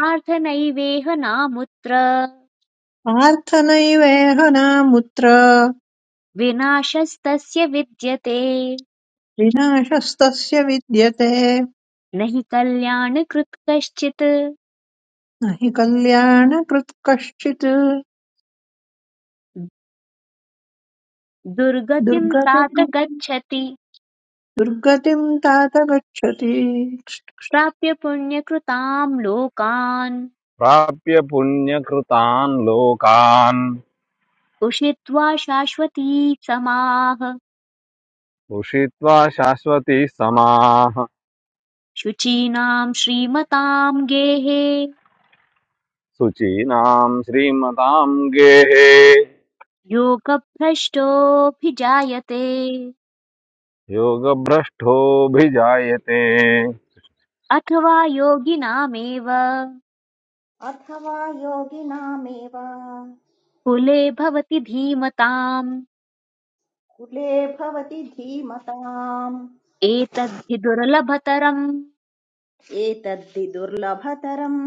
Speaker 1: पार्थ नैवेह नामुत्र
Speaker 5: पार्थ नैवेह नामुत्र
Speaker 1: विनाशस्तस्य विद्यते
Speaker 5: विनाशस्तस्य विद्यते न
Speaker 1: न हि कल्याणकृत् कश्चित्
Speaker 5: हि कल्याणकृत् कश्चित्
Speaker 1: दुर्गतिं तात
Speaker 5: दुर्गतिम्
Speaker 1: गच्छति
Speaker 5: दुर्गतिम् तात गच्छति
Speaker 1: प्राप्य पुण्यकृतां लोकान्
Speaker 6: प्राप्य पुन्यकृतान्लोकान
Speaker 1: उषित्वा शाश्वती समाः
Speaker 6: पुषितवाशास्वती समाह
Speaker 1: शुचीनां श्रीमतां गेः
Speaker 6: सुचिनाम् श्रीमदाम्गे
Speaker 1: योगभ्रष्टोऽभिजायते
Speaker 6: योगभ्रष्टो भी जायते
Speaker 1: अथवा योगिनामेव
Speaker 7: अथवा योगिनामेव
Speaker 1: कुले भवति धीमताम्
Speaker 7: कुले भवति धीमताम्
Speaker 1: एतद्धि दुर्लभतरम्
Speaker 7: एतद्धि दुर्लभतरम्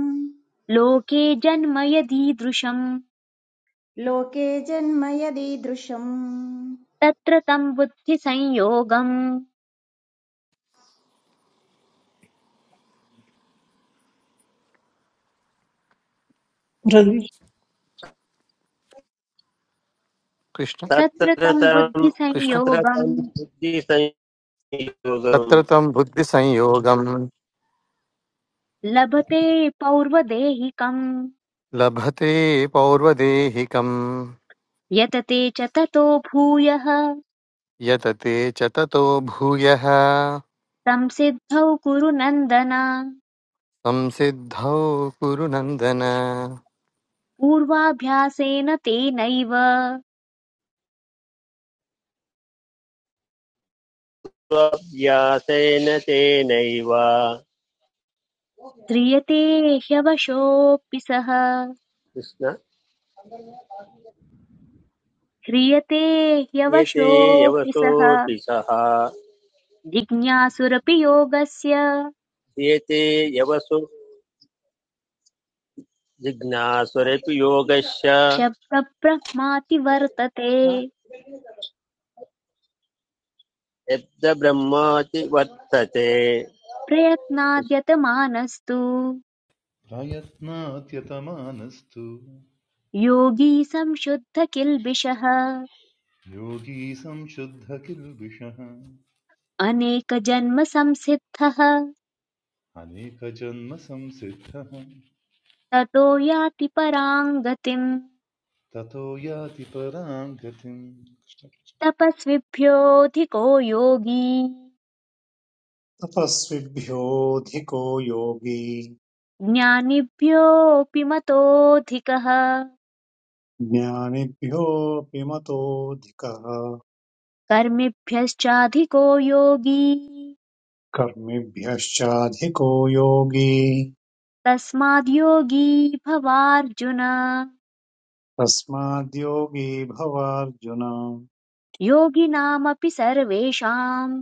Speaker 1: लोके जन्म यदीदृशम्
Speaker 7: लोके जन्म यदीदृशम्
Speaker 1: तत्र तं बुद्धिसंयोगम्
Speaker 8: कृष्ण
Speaker 1: तत्र
Speaker 9: तत्र
Speaker 1: तं
Speaker 9: तं
Speaker 8: कृष्ण
Speaker 9: तत्र
Speaker 1: बुद्धिसंयोगम्
Speaker 9: तं बुद्धिसंयोगं
Speaker 8: तत्र तं बुद्धिसंयोगं
Speaker 1: लभते पौर्वदेहिकम्
Speaker 8: लभते पौर्वदेहिकं
Speaker 1: यतते च ततो भूयः
Speaker 8: यतते च ततो भूयः
Speaker 1: संसिद्धौ कुरु नन्दन
Speaker 8: संसिद्धौ कुरु नन्दन
Speaker 1: पूर्वाभ्यासेन तेनैव
Speaker 9: स्वाभ्यासेन तेनैव
Speaker 1: ह्रियते ह्यवशोऽपि सः
Speaker 9: कृष्ण
Speaker 1: ह्रियते
Speaker 9: एते
Speaker 1: ह्यवशोऽपि सः
Speaker 9: यवसोऽपि सः
Speaker 1: जिज्ञासुरपि योगस्य
Speaker 9: एते यवसो जिज्ञासुरपि योगस्य
Speaker 1: शब्दब्रह्माति वर्तते
Speaker 9: यद्ब्रह्माति वर्तते
Speaker 1: प्रयत्नाद्यतमानस्तु
Speaker 10: प्रयत्नात्यतमानस्तु
Speaker 1: योगी संशुद्ध किल्बिषः
Speaker 10: योगी संशुद्ध किल्बिषः
Speaker 1: अनेकजन्म संसिद्धः
Speaker 10: अनेकजन्मसंसिद्धः
Speaker 1: ततो याति पराम् गतिम्
Speaker 10: ततो याति परां गतिम्
Speaker 1: तपस्विभ्योऽधिको योगी
Speaker 2: तपस्विभ्योऽधिको योगी
Speaker 1: ज्ञानिभ्योऽपि मतोऽधिकः
Speaker 2: ज्ञानिभ्योऽपि मतोऽधिकः
Speaker 1: कर्मिभ्यश्चाधिको योगी
Speaker 2: कर्मिभ्यश्चाधिको योगी
Speaker 1: तस्माद् योगी भवार्जुन
Speaker 2: तस्माद्योगी भवार्जुन
Speaker 1: योगिनामपि सर्वेषाम्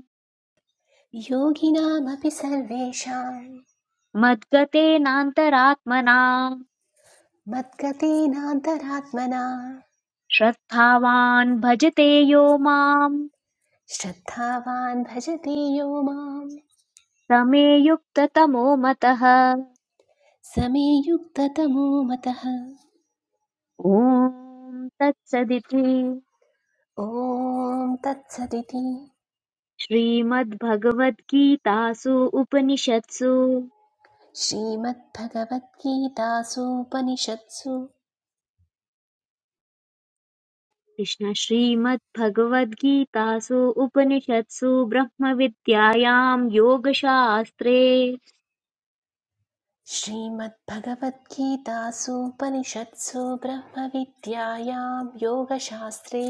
Speaker 3: योगिनामपि सर्वेषाम्
Speaker 1: मद्गतेनान्तरात्मना
Speaker 3: मद्गतेनान्तरात्मना
Speaker 1: श्रद्धावान् भजते यो माम्
Speaker 3: श्रद्धावान् भजते यो माम्
Speaker 1: समे युक्ततमो मतः
Speaker 3: स मे युक्ततमो मतः
Speaker 1: ॐ तत्सदिति
Speaker 3: ॐ तत्सदिति
Speaker 1: श्रीमद्भगवद्गीतासु उपनिषत्सु
Speaker 3: श्रीमद्भगवद्गीतासूपनिषत्सु
Speaker 1: कृष्ण श्रीमद्भगवद्गीतासु उपनिषत्सु ब्रह्मविद्यायां योगशास्त्रे
Speaker 3: श्रीमद्भगवद्गीतासूपनिषत्सु ब्रह्मविद्यायां योगशास्त्रे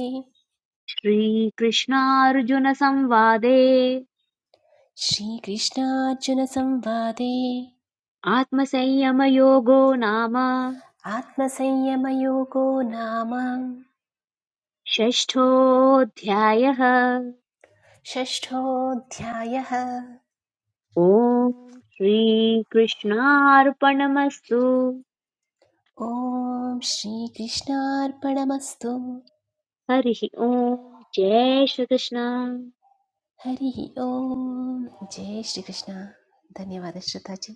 Speaker 1: श्रीकृष्णार्जुनसंवादे
Speaker 3: श्रीकृष्णार्जुनसंवादे
Speaker 1: आत्मसंयमयोगो नाम
Speaker 3: आत्मसंयमयोगो नाम
Speaker 1: षष्ठोऽध्यायः
Speaker 3: षष्ठोऽध्यायः
Speaker 1: ॐ श्रीकृष्णार्पणमस्तु
Speaker 3: ॐ श्रीकृष्णार्पणमस्तु
Speaker 1: हरिः ॐ जय श्रीकृष्ण
Speaker 3: हरिः ॐ जय श्रीकृष्ण धन्यवाद श्रोताजी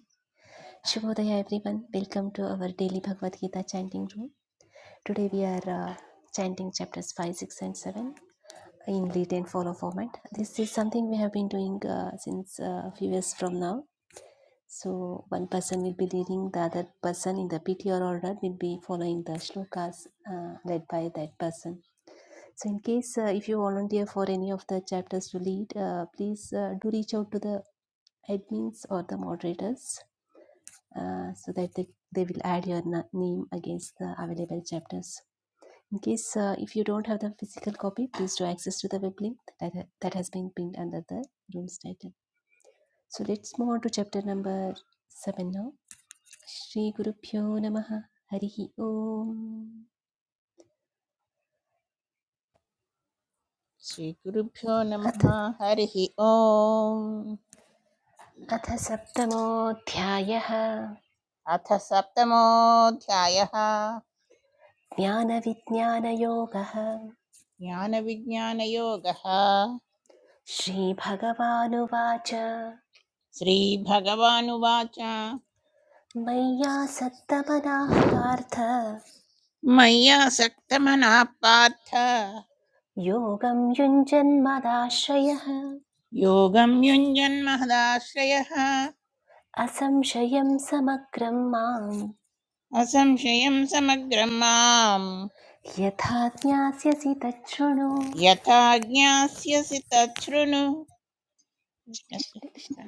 Speaker 3: शुभोदय everyone welcome to our daily Bhagavad Gita chanting room today we are chanting chapters 5 6 and 7 in lead and follow format this is something we have been doing uh, since uh, few years from now So one person will be leading, the other person in the PTR order will be following the shlokas uh, led by that person. So in case uh, if you volunteer for any of the chapters to lead, uh, please uh, do reach out to the admins or the moderators uh, so that they, they will add your na- name against the available chapters. In case uh, if you don't have the physical copy, please do access to the web link that, that has been pinned under the room's title. So let's move on to chapter number 7 now. श्रीगुरुभ्यो नमः हरिः ओम्
Speaker 4: श्रीगुरुभ्यो नमः
Speaker 3: अथ
Speaker 4: हरिः ओम्
Speaker 3: अथ सप्तमोऽध्यायः
Speaker 4: अथ सप्तमोऽध्यायः
Speaker 3: ज्ञानविज्ञानयोगः
Speaker 4: ज्ञानविज्ञानयोगः
Speaker 3: श्रीभगवानुवाच
Speaker 4: श्रीभगवानुवाच
Speaker 3: मय्यासक्तमनाः पार्थ
Speaker 4: मय्यासक्तमनः पार्थ
Speaker 3: योगं युञ्जन्मदाश्रयः
Speaker 4: योगं युञ्जन्महदाश्रयः
Speaker 3: असंशयं समग्रं माम्
Speaker 4: असंशयं समग्रं माम्
Speaker 3: यथा ज्ञास्यसि तच्छृणु
Speaker 4: यथा ज्ञास्यसि तच्छृणु कृष्ण
Speaker 3: कृष्ण
Speaker 4: कृष्ण।
Speaker 3: कृष्ण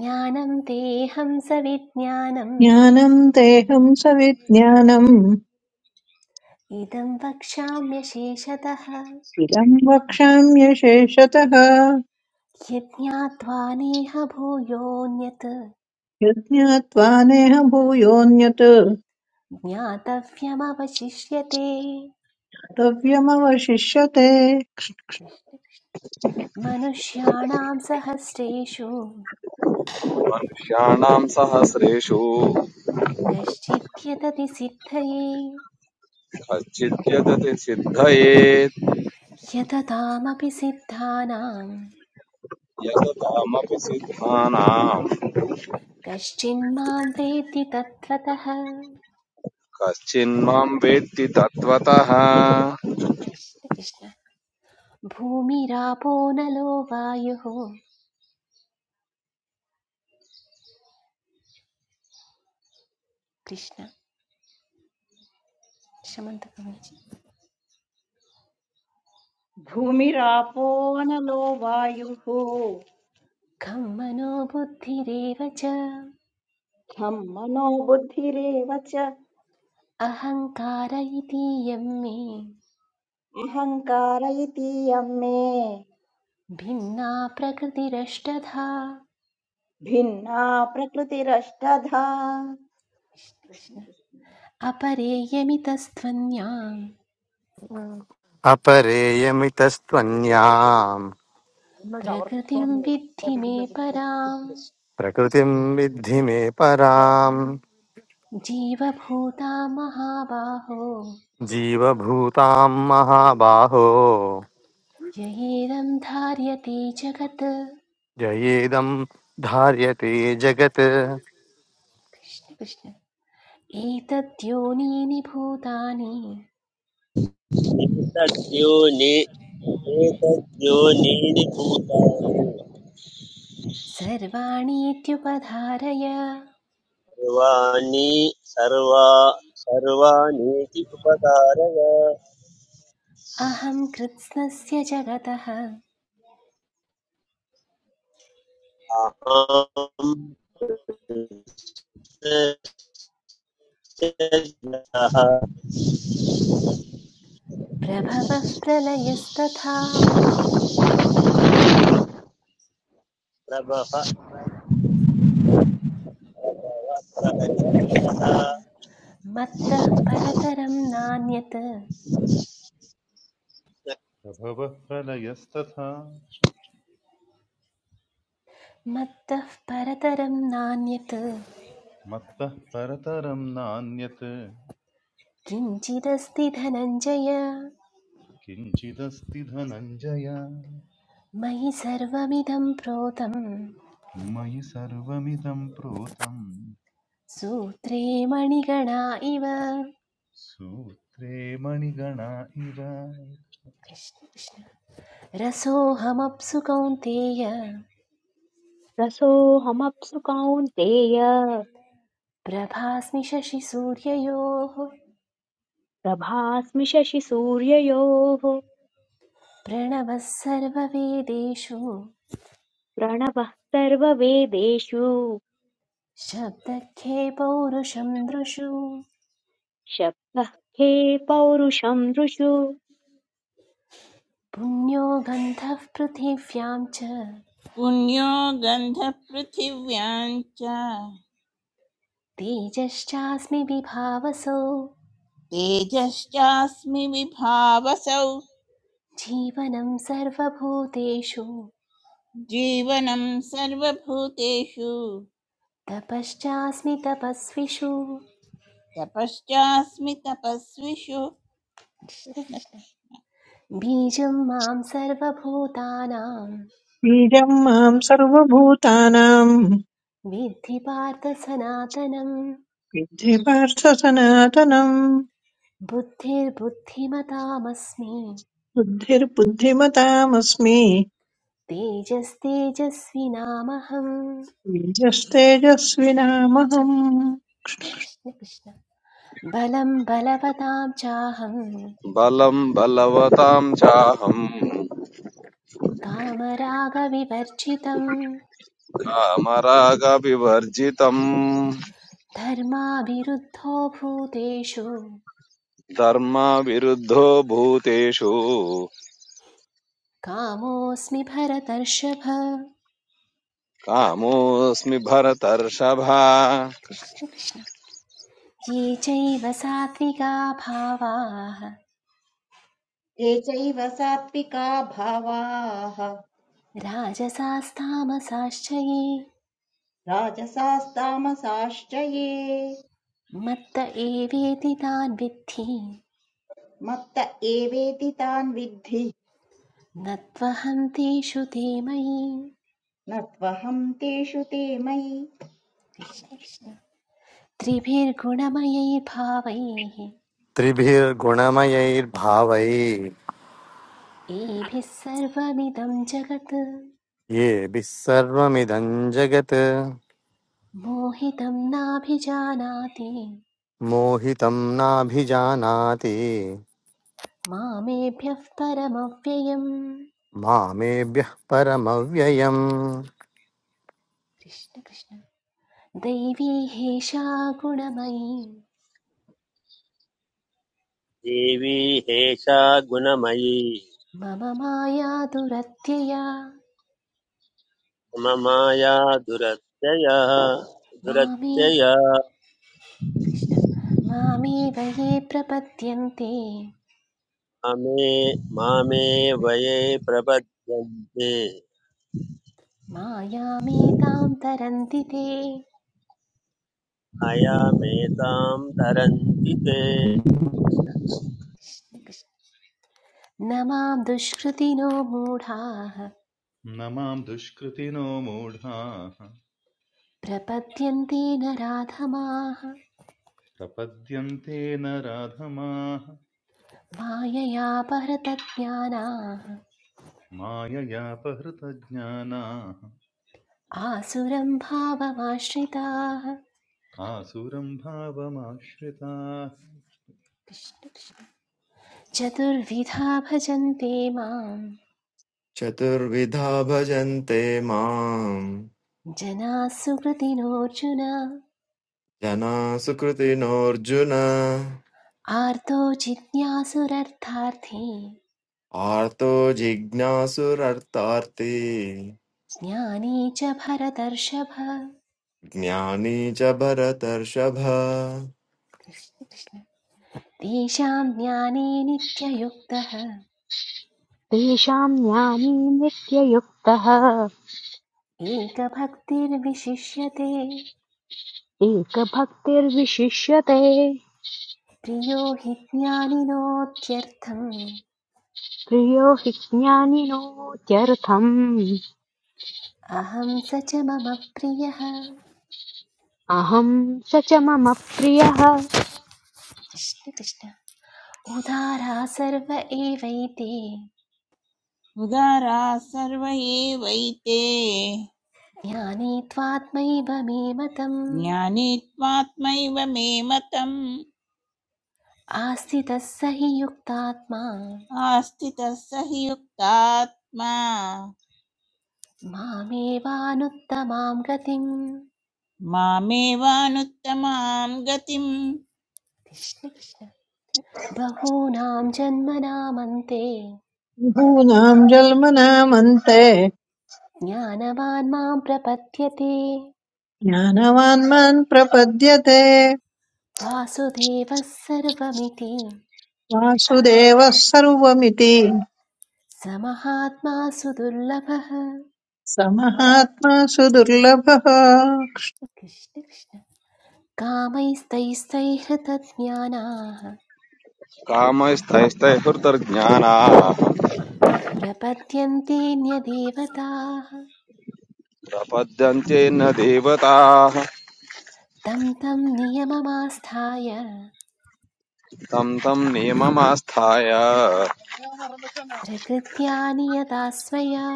Speaker 3: ज्ञानं तेऽहं सविज्ञानम्
Speaker 5: ज्ञानं तेऽहं सविज्ञानम्
Speaker 3: इदं वक्ष्याम्य शेषतः
Speaker 5: इदं वक्ष्याम्यशेषतः
Speaker 3: यज्ञात्वा नेह भूयोऽन्यत्
Speaker 5: यज्ञात्वा नेह भूयोऽन्यत्
Speaker 3: ज्ञातव्यमवशिष्यते
Speaker 5: कर्तव्यमवशिष्यते
Speaker 3: कृष्ण कृष्ण। मनुष्याणां सहस्रेषु
Speaker 6: षाणाम् सहस्रेषु
Speaker 3: कश्चिद्यतति सिद्धये
Speaker 6: यदति सिद्धयेत्
Speaker 3: यततामपि सिद्धानां
Speaker 6: यततामपि सिद्धानाम्
Speaker 3: कश्चिन्मां वेत्ति तत्त्वतः
Speaker 6: कश्चिन्माम् वेत्ति तत्त्वतः
Speaker 3: कृष्ण कृष्ण भूमिरापो नलो वायुः कृष्ण शमन्तकम्
Speaker 7: भूमिरापो नलो वायुः
Speaker 3: खं मनो बुद्धिरेव च
Speaker 7: खं मनो बुद्धिरेव च
Speaker 3: अहङ्कार इति यं मे
Speaker 7: अहङ्कार इतीयं मे
Speaker 3: भिन्ना प्रकृतिरष्टधा
Speaker 7: भिन्ना प्रकृतिरष्टधा
Speaker 3: कृष्ण। अपरेयमितस्त्वन्यां
Speaker 8: अपरेयमितस्त्वन्याम्
Speaker 3: प्रकृतिं विद्धि मे परां
Speaker 8: प्रकृतिं विद्धि मे पराम्
Speaker 3: जीवभूता महाबाहो
Speaker 8: जीवभूतां महाबाहो
Speaker 3: ययेदं धार्यते जगत्
Speaker 8: जयेदं धार्यते जगत्
Speaker 3: कृष्ण कृष्ण एतद्योनीनि भूतानि
Speaker 9: एतद्योनि एतद्योनीनि भूतानि सर्वाणि सर्वा सर्वाणीति उपकारय
Speaker 3: अहं कृत्स्नस्य जगतः
Speaker 9: अहं कृष्णस्य जनः
Speaker 3: प्रभवः प्रलयस्तथा
Speaker 9: प्रभः
Speaker 3: कृष्ण
Speaker 9: प्रकटितः
Speaker 3: कृष्ण मत्तः परतरं नान्यत्
Speaker 10: प्रभवः प्रलयस्तथा
Speaker 3: मत्तः परतरं नान्यत्
Speaker 10: मत्तः परतरं नान्यत्
Speaker 3: किञ्चिदस्ति धनञ्जय
Speaker 10: किञ्चिदस्ति धनञ्जय
Speaker 3: मयि सर्वमिदं प्रोतं
Speaker 10: मयि सर्वमिदं प्रोतं
Speaker 3: सूत्रे मणिगणा इव
Speaker 10: सूत्रे मणिगणा इव
Speaker 3: कृष्ण कृष्ण रसोऽहमप्सु कौन्तेय
Speaker 1: रसोऽहमप्सु कौन्तेय
Speaker 3: प्रभास्मि शशिसूर्ययोः
Speaker 1: प्रभास्मि शशिसूर्ययोः
Speaker 3: प्रणवः सर्ववेदेषु
Speaker 1: प्रणवः सर्ववेदेषु
Speaker 3: शब्दखे पौरुषं दृषु
Speaker 1: शब्दः खे पौरुषं नृषु
Speaker 3: पुण्यो गन्धः पृथिव्यां च
Speaker 4: पुण्यो गन्धपृथिव्यां च
Speaker 3: तेजश्चास्मि विभावसो
Speaker 4: तेजश्चास्मि विभावसौ
Speaker 3: जीवनं सर्वभूतेषु
Speaker 4: जीवनं सर्वभूतेषु
Speaker 3: तपश्चास्मि तपस्विषु
Speaker 4: तपश्चास्मि तपस्विषु
Speaker 3: कृष्ण
Speaker 4: कृष्ण
Speaker 3: कृष्ण।
Speaker 4: कृष्ण
Speaker 3: बीजं मां सर्वभूतानां
Speaker 5: बीजं मां सर्वभूतानां
Speaker 3: विद्धि पार्थ सनातनं
Speaker 5: विद्धि पार्थ सनातनम्
Speaker 3: बुद्धिर्बुद्धिमतामस्मि
Speaker 5: बुद्धिर्बुद्धिमतामस्मि
Speaker 3: तेजस्तेजस्विनामहम्
Speaker 5: तेजस्तेजस्विनामहम्
Speaker 3: कृष्ण कृष्ण बलं बलवतां चाहं
Speaker 6: बलम् बलवताम् चाहम्
Speaker 3: कामरागविवर्जितं
Speaker 6: कामरागविवर्जितम्
Speaker 3: धर्माभिरुद्धो भूतेषु
Speaker 6: धर्मविरुद्धो भूतेषु
Speaker 3: कामोऽस्मि भरतर्षभ
Speaker 6: कामोऽस्मि भरतर्षभ
Speaker 3: कृष्ण कृष्ण ये चैव सात्विका भावाः
Speaker 7: ये चैव सात्विका भावाः
Speaker 3: राजसास्तामसाश्च ये
Speaker 7: राजसास्तामसाश्च ये
Speaker 3: मत्त एवेति तान् विद्धि
Speaker 7: मत्त एवेति तान् विद्धि
Speaker 3: न त्वहं तेषु ते मयि
Speaker 7: न त्वहं तेषु ते मयि
Speaker 3: कृष्ण कृष्ण त्रिभिर्गुणमयैर्भावैः
Speaker 8: त्रिभिर्गुणमयैर्भावैः
Speaker 3: एभिः सर्वमिदं जगत्
Speaker 8: येभिः सर्वमिदं जगत्
Speaker 3: मोहितं नाभिजानाति
Speaker 8: मोहितं नाभिजानाति
Speaker 3: मामेभ्यः परमव्ययम्
Speaker 8: मामेभ्यः परमव्ययम्
Speaker 3: कृष्ण कृष्ण दैवी हेषा गुणमयी
Speaker 9: देवी हेषा गुणमयी
Speaker 3: मम माया दुरत्यया
Speaker 9: ममाया दुरत्यया
Speaker 3: मामे
Speaker 9: दुरत्यया
Speaker 3: कृष्ण मामेव ये प्रपद्यन्ते
Speaker 9: अमे मामे वये प्रपद्यन्ते
Speaker 3: मायामेतां तरन्ति ते
Speaker 9: अयमेतां तरन्ति ते
Speaker 3: कृष्ण कृष्ण न मां दुष्कृतिनो मूढाः
Speaker 10: न मां दुष्कृतिनो मूढाः
Speaker 3: प्रपद्यन्ते न राधमाः
Speaker 10: प्रपद्यन्ते न
Speaker 3: मायया परतज्ञानाः
Speaker 10: माययापहृतज्ञानाः
Speaker 3: आसुरं भावमाश्रिताः
Speaker 10: आसुरं भावमाश्रिताः
Speaker 3: कृष्ण कृष्ण। चतुर्विधा भजन्ते मां
Speaker 11: चतुर्विधा भजन्ते माम्
Speaker 3: जनाः सुकृतिनोऽर्जुन
Speaker 11: जना सुकृतिनोऽर्जुन
Speaker 3: आर्तो जिज्ञासुरर्थार्थी
Speaker 11: आर्तो जिज्ञासुरर्तार्ति
Speaker 3: ज्ञानी च भरतर्षभ
Speaker 11: ज्ञानी च भरतर्षभ
Speaker 3: कृष्ण कृष्ण तेषां ज्ञाने नित्ययुक्तः
Speaker 1: तेषां ज्ञानी नित्ययुक्तः
Speaker 3: एकभक्तिर्विशिष्यते
Speaker 1: एकभक्तिर्विशिष्यते
Speaker 3: प्रियो हि ज्ञानिनोत्यर्थम्
Speaker 1: प्रियो हि ज्ञानिनोत्यर्थम्
Speaker 3: अहं स च मम प्रियः
Speaker 1: अहं स च मम प्रियः
Speaker 3: कृष्ण कृष्ण उदारा सर्व एवैते
Speaker 4: उदारा सर्व एवैते
Speaker 3: ज्ञानी त्वात्मैव मे मतम्
Speaker 4: ज्ञानी त्वात्मैव मे मतम्
Speaker 3: आस्थितः स हि युक्तात्मा
Speaker 4: आस्थितः स हि युक्तात्मा
Speaker 3: मामेवानुत्तमां गतिम्
Speaker 4: मामेवानुत्तमां गतिम्
Speaker 3: कृष्ण कृष्ण बहूनां जन्मनामन्ते
Speaker 5: बहूनां जन्मनामन्ते
Speaker 3: ज्ञानवान् मां प्रपद्यते
Speaker 5: ज्ञानवान् मान् प्रपद्यते
Speaker 3: वासुदेवः सर्वमिति
Speaker 5: वासुदेवः सर्वमिति
Speaker 3: समहात्मा सुदुर्लभः
Speaker 5: समहात्मा सुदुर्लभः
Speaker 3: कृष्ण कृष्ण कामैस्तैस्तैहृतज्ञानाः
Speaker 6: कामस्तैस्तैहृतर्ज्ञानाः
Speaker 3: प्रपद्यन्तेऽन्यदेवताः
Speaker 6: प्रपद्यन्ते न देवताः
Speaker 3: तं तं नियममास्थाय
Speaker 6: तं तं नियममास्थाय
Speaker 3: प्रकृत्या नियता स्वया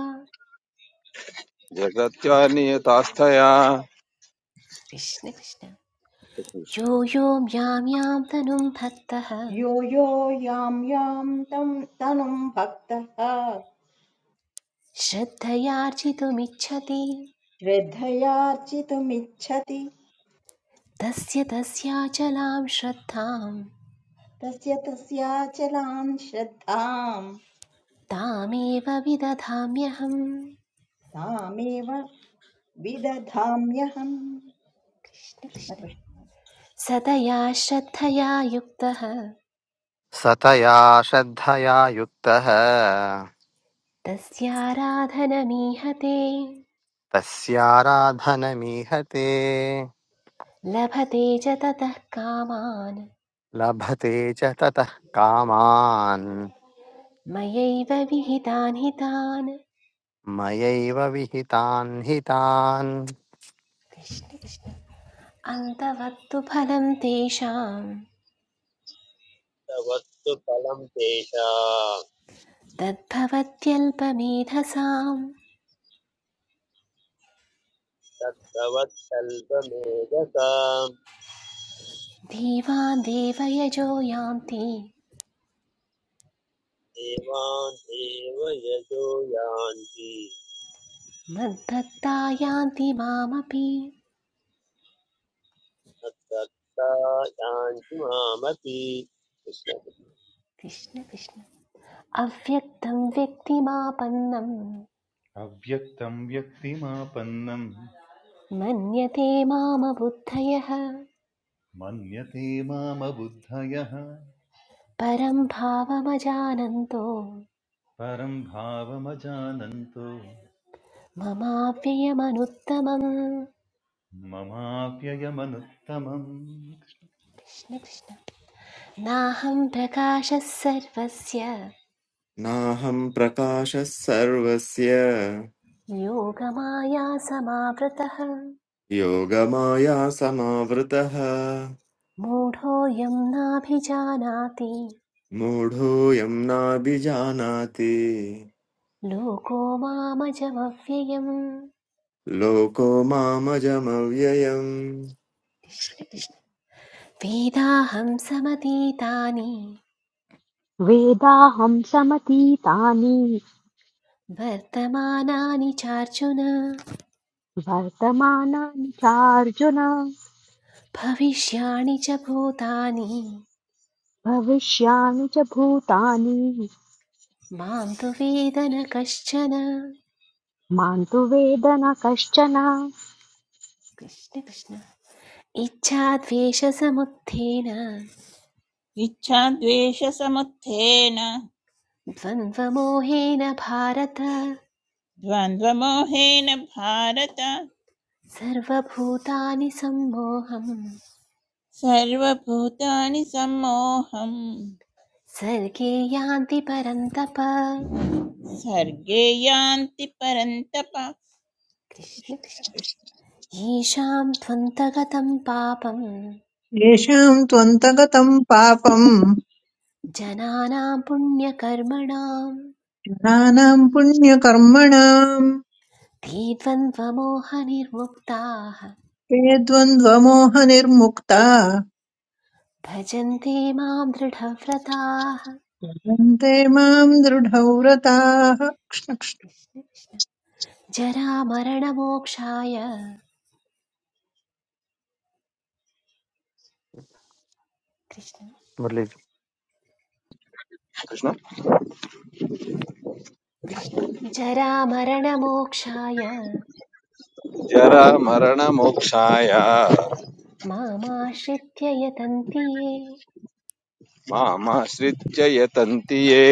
Speaker 6: जगत्या नियतास्थया
Speaker 3: कृष्ण कृष्ण यो यो म्यां यां तनुं भक्तः
Speaker 7: यो यो यां यां तं तनुं भक्तः
Speaker 3: श्रद्धयार्जितुमिच्छति
Speaker 7: श्रद्धयार्जितुमिच्छति
Speaker 3: तस्य तस्याचलां श्रद्धां
Speaker 7: तस्य तस्याचलां श्रद्धां
Speaker 3: तामेव विदधाम्यहम्
Speaker 7: तामेव विदधाम्यहम्
Speaker 3: कृष्ण कृष्ण
Speaker 7: कृष्ण
Speaker 3: सतया श्रद्धया युक्तः
Speaker 8: सतया श्रद्धया युक्तः
Speaker 3: तस्याराधनमीहते
Speaker 8: तस्याराधनमीहते
Speaker 3: लभते च ततः कामान्
Speaker 8: लभते च ततः कामान्
Speaker 3: मयैव विहितान् हितान्
Speaker 8: मयैव विहितान् हितान्
Speaker 3: कृष्ण कृष्ण अन्तवत्तु फलं तेषां
Speaker 9: तवत्तु फलं तेषां
Speaker 3: तद्भवत्यल्पमेधसां
Speaker 9: तत्तवत्सल्पमेधसाम्
Speaker 3: धीवान् देवयजो यान्ति
Speaker 9: देवान् देव यजो यान्ति
Speaker 3: मद्भक्ता यान्ति मामपि
Speaker 9: तत्सत्ता यान्ति मामपि कृष्ण
Speaker 3: कृष्ण कृष्ण अव्यक्तं व्यक्तिमापन्नं
Speaker 10: अव्यक्तं व्यक्तिमापन्नं
Speaker 3: मन्यते मामबुद्धयः
Speaker 10: मन्यते मामबुद्धयः
Speaker 3: परं भावमजानन्तो
Speaker 10: परं भावमजानन्तो
Speaker 3: ममाव्ययमनुत्तमम्
Speaker 10: ममाप्ययमनुत्तमम्
Speaker 3: कृष्णकृष्ण नाहं प्रकाशः सर्वस्य
Speaker 11: नाहं प्रकाशः सर्वस्य
Speaker 3: योगमाया समावृतः
Speaker 11: योगमाया समावृतः
Speaker 3: मूढोऽयं नाभिजानाति
Speaker 11: मूढोऽयं नाभिजानाति
Speaker 3: लोको मामजमव्ययम्
Speaker 11: लोको मामजमव्ययम्
Speaker 3: कृष्णकृष्ण वेदाहं समतीतानि
Speaker 1: वेदाहं समतीतानि
Speaker 3: वर्तमानानि चार्जुन
Speaker 1: वर्तमानानि चार्जुन
Speaker 3: भविष्याणि च भूतानि
Speaker 1: भविष्याणि च भूतानि
Speaker 3: मां तु वेद न कश्चन
Speaker 1: मां तु वेद न कश्चन
Speaker 3: कृष्ण कृष्ण इच्छाद्वेषसमुत्थेन
Speaker 4: इच्छाद्वेषसमुत्थेन
Speaker 3: द्वन्द्वमोहेन भारत सर्वभूतानि सम्मोहं
Speaker 4: सर्वभूतानि सम्मोहम्
Speaker 3: सर्गे यान्ति परन्तप
Speaker 4: सर्गे यान्ति परन्तप
Speaker 3: कृष्ण कृष्ण येषां त्वन्तगतं पापं
Speaker 5: येषां त्वन्तगतम् पापम्
Speaker 3: जनानां पुण्यकर्मणाम्
Speaker 5: जनानाम् पुण्यकर्मणाम्
Speaker 3: ते द्वन्द्वमोहनिर्मुक्ताः
Speaker 5: ते द्वन्द्वमोहनिर्मुक्ता
Speaker 3: भजन्ते मां दृढव्रताः
Speaker 5: भवन्ते माम् दृढव्रताः
Speaker 3: कृष्ण कृष्ण जरामरणमोक्षाय कृष्ण
Speaker 8: मुरली। जी।
Speaker 3: कृष्ण जरामरणमोक्षाय
Speaker 6: जरामरणमोक्षाय
Speaker 3: मामाश्रित्य यतन्ति ये
Speaker 6: मामाश्रित्य यतन्ति ये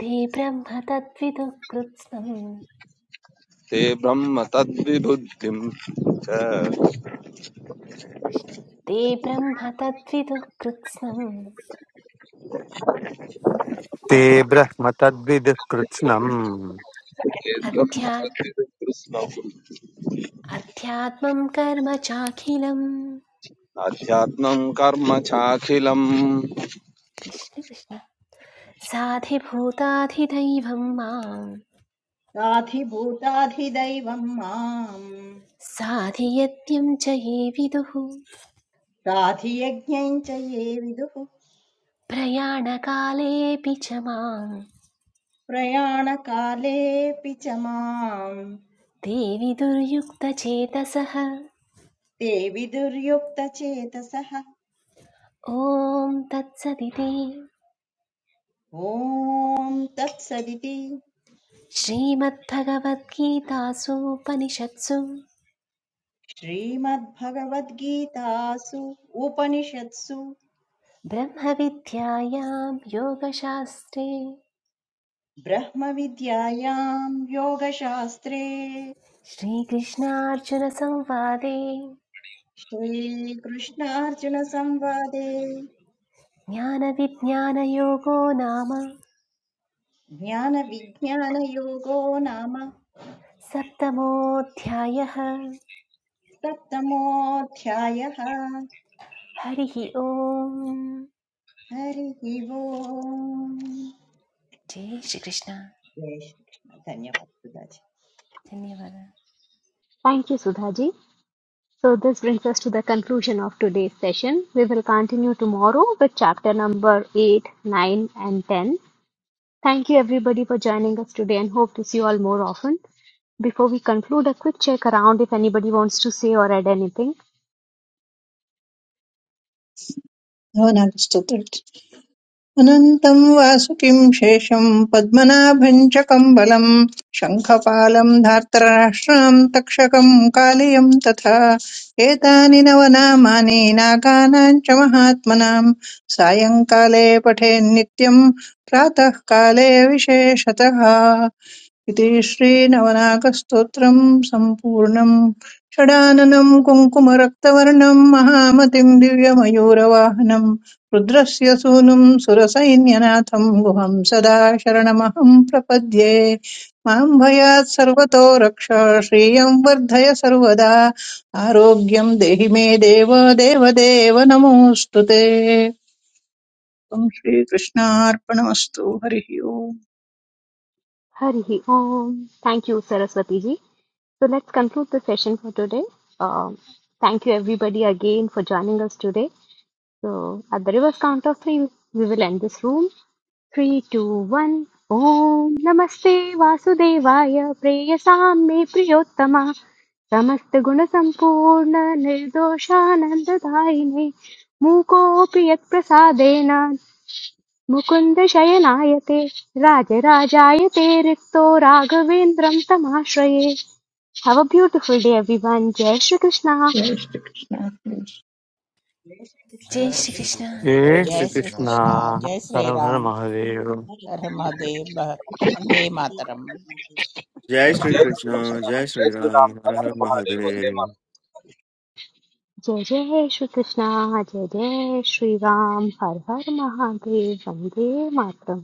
Speaker 3: ते ब्रह्म तद्विदुः कृत्स्नम्
Speaker 6: ते ब्रह्म तद्विबुद्धिं च
Speaker 3: कृष्ण ते ब्रह्म तद्विदुः कृत्स्नम्
Speaker 8: ते ब्रह्म तद्विदुः कृत्स्नम्
Speaker 6: ते ब्रह्म
Speaker 3: अध्या
Speaker 6: तद्विबुद्धिं
Speaker 3: अध्यात्मं कर्म चाखिलम्
Speaker 6: आध्यात्मं कर्म चाखिलम्
Speaker 3: कृष्ण कृष्ण साधिभूताधिदैवं मां
Speaker 7: साधिभूताधिदैवं माम्
Speaker 3: साधियत्यं च ये विदुः
Speaker 7: साधियज्ञं च ये विदुः
Speaker 3: प्रयाणकालेऽपि च मां
Speaker 7: प्रयाणकालेऽपि च माम्
Speaker 3: देवि दुर्युक्तचेतसः
Speaker 7: ते विदुर्युक्तचेतसः
Speaker 3: ॐ तत्सदिति
Speaker 7: ॐ तत्सदिति
Speaker 3: श्रीमद्भगवद्गीतासूपनिषत्सु
Speaker 7: श्रीमद्भगवद्गीतासु उपनिषत्सु
Speaker 3: ब्रह्मविद्यायां योगशास्त्रे
Speaker 7: ब्रह्मविद्यायां योगशास्त्रे
Speaker 3: श्रीकृष्णार्जुनसंवादे
Speaker 7: श्रीकृष्णार्जुनसंवादे
Speaker 3: ज्ञानविज्ञानयोगो नाम
Speaker 7: ज्ञानविज्ञानयोगो नाम
Speaker 3: सप्तमोऽध्यायः
Speaker 7: सप्तमोऽध्यायः
Speaker 3: ハリヒオム、
Speaker 7: हरिः ओम्
Speaker 3: ジェーシークリスナ、
Speaker 7: जय श्रीकृष्ण धन्यवाद सुधाजी
Speaker 3: 天にばら、
Speaker 1: Thank you, Sudhaji. So this brings us to the conclusion of today's session. We will continue tomorrow with chapter number 8, 9 and 10. Thank you everybody for joining us today and hope to see you all more often. Before we conclude, a quick check around if anybody wants to say or add anything.
Speaker 5: भवनास्तुति अनन्तं वासुकिं शेषं पद्मनाभं च कम्बलं शङ्खपालं धार्तराष्ट्रां तक्षकं कालियं तथा एतानि नवनामानि नागानां च महात्मनां सायङ्काले पठेन्नित्यं प्रातःकाले विशेषतः इति श्रीनवनाकस्तोत्रम् सम्पूर्णम् षडाननम् कुङ्कुमरक्तवर्णम् महामतिम् दिव्यमयूरवाहनम् रुद्रस्य सूनुम् सुरसैन्यनाथम् गुहम् सदा शरणमहम् प्रपद्ये माम् भयात् सर्वतो रक्ष श्रियम् वर्धय सर्वदा आरोग्यम् देहि मे देव देव देव नमोऽस्तु ते त्वम् श्रीकृष्णार्पणमस्तु हरिः ओम्
Speaker 1: Harihi Om. Thank you, Saraswati ji. So let's conclude the session for today. Um, thank you everybody again for joining us today. So at the reverse count of three, we will end this room. Three, two, one. Om Namaste Vasudevaya Preyasam Me Priyottama समस्तगुणसम्पूर्ण निर्दोषानन्ददायिने मूकोऽपि यत्प्रसादेन Mukunda शयनायते राजराजायते रिक्तो राघवेन्द्रं तमाश्रये Have a beautiful day, everyone. Jai Shri Krishna.
Speaker 5: जय श्रीकृष्ण
Speaker 7: जय
Speaker 3: ジ
Speaker 7: श्रीकृष्ण
Speaker 3: ェー
Speaker 10: जय
Speaker 3: シーク
Speaker 7: जय
Speaker 3: リ
Speaker 10: श्री
Speaker 3: スナ。
Speaker 10: कृष्ण
Speaker 8: ये
Speaker 7: श्रीराम
Speaker 10: जय
Speaker 9: जय
Speaker 4: जय
Speaker 10: श्री
Speaker 4: श्री
Speaker 10: राम
Speaker 4: कृष्ण
Speaker 8: श्रीकृष्णाः
Speaker 4: जय
Speaker 8: हर
Speaker 4: श्री
Speaker 8: हर
Speaker 4: राम
Speaker 8: महादेव
Speaker 7: हर
Speaker 4: हर हर
Speaker 7: हर
Speaker 4: महादेव वन्दे मातरम्
Speaker 7: महादेव
Speaker 11: जय
Speaker 6: जय
Speaker 11: श्रीकृष्ण
Speaker 6: श्रीराम
Speaker 11: जय
Speaker 6: जय
Speaker 11: श्रीराम
Speaker 6: श्रीराम
Speaker 11: हर
Speaker 6: हर हर
Speaker 11: हर
Speaker 6: महादेव वन्दे
Speaker 11: Mahadev
Speaker 1: Jai Jai Shri Krishna. Jai Jai Shri Ram. Har Har Mahadev. Vande Mataram.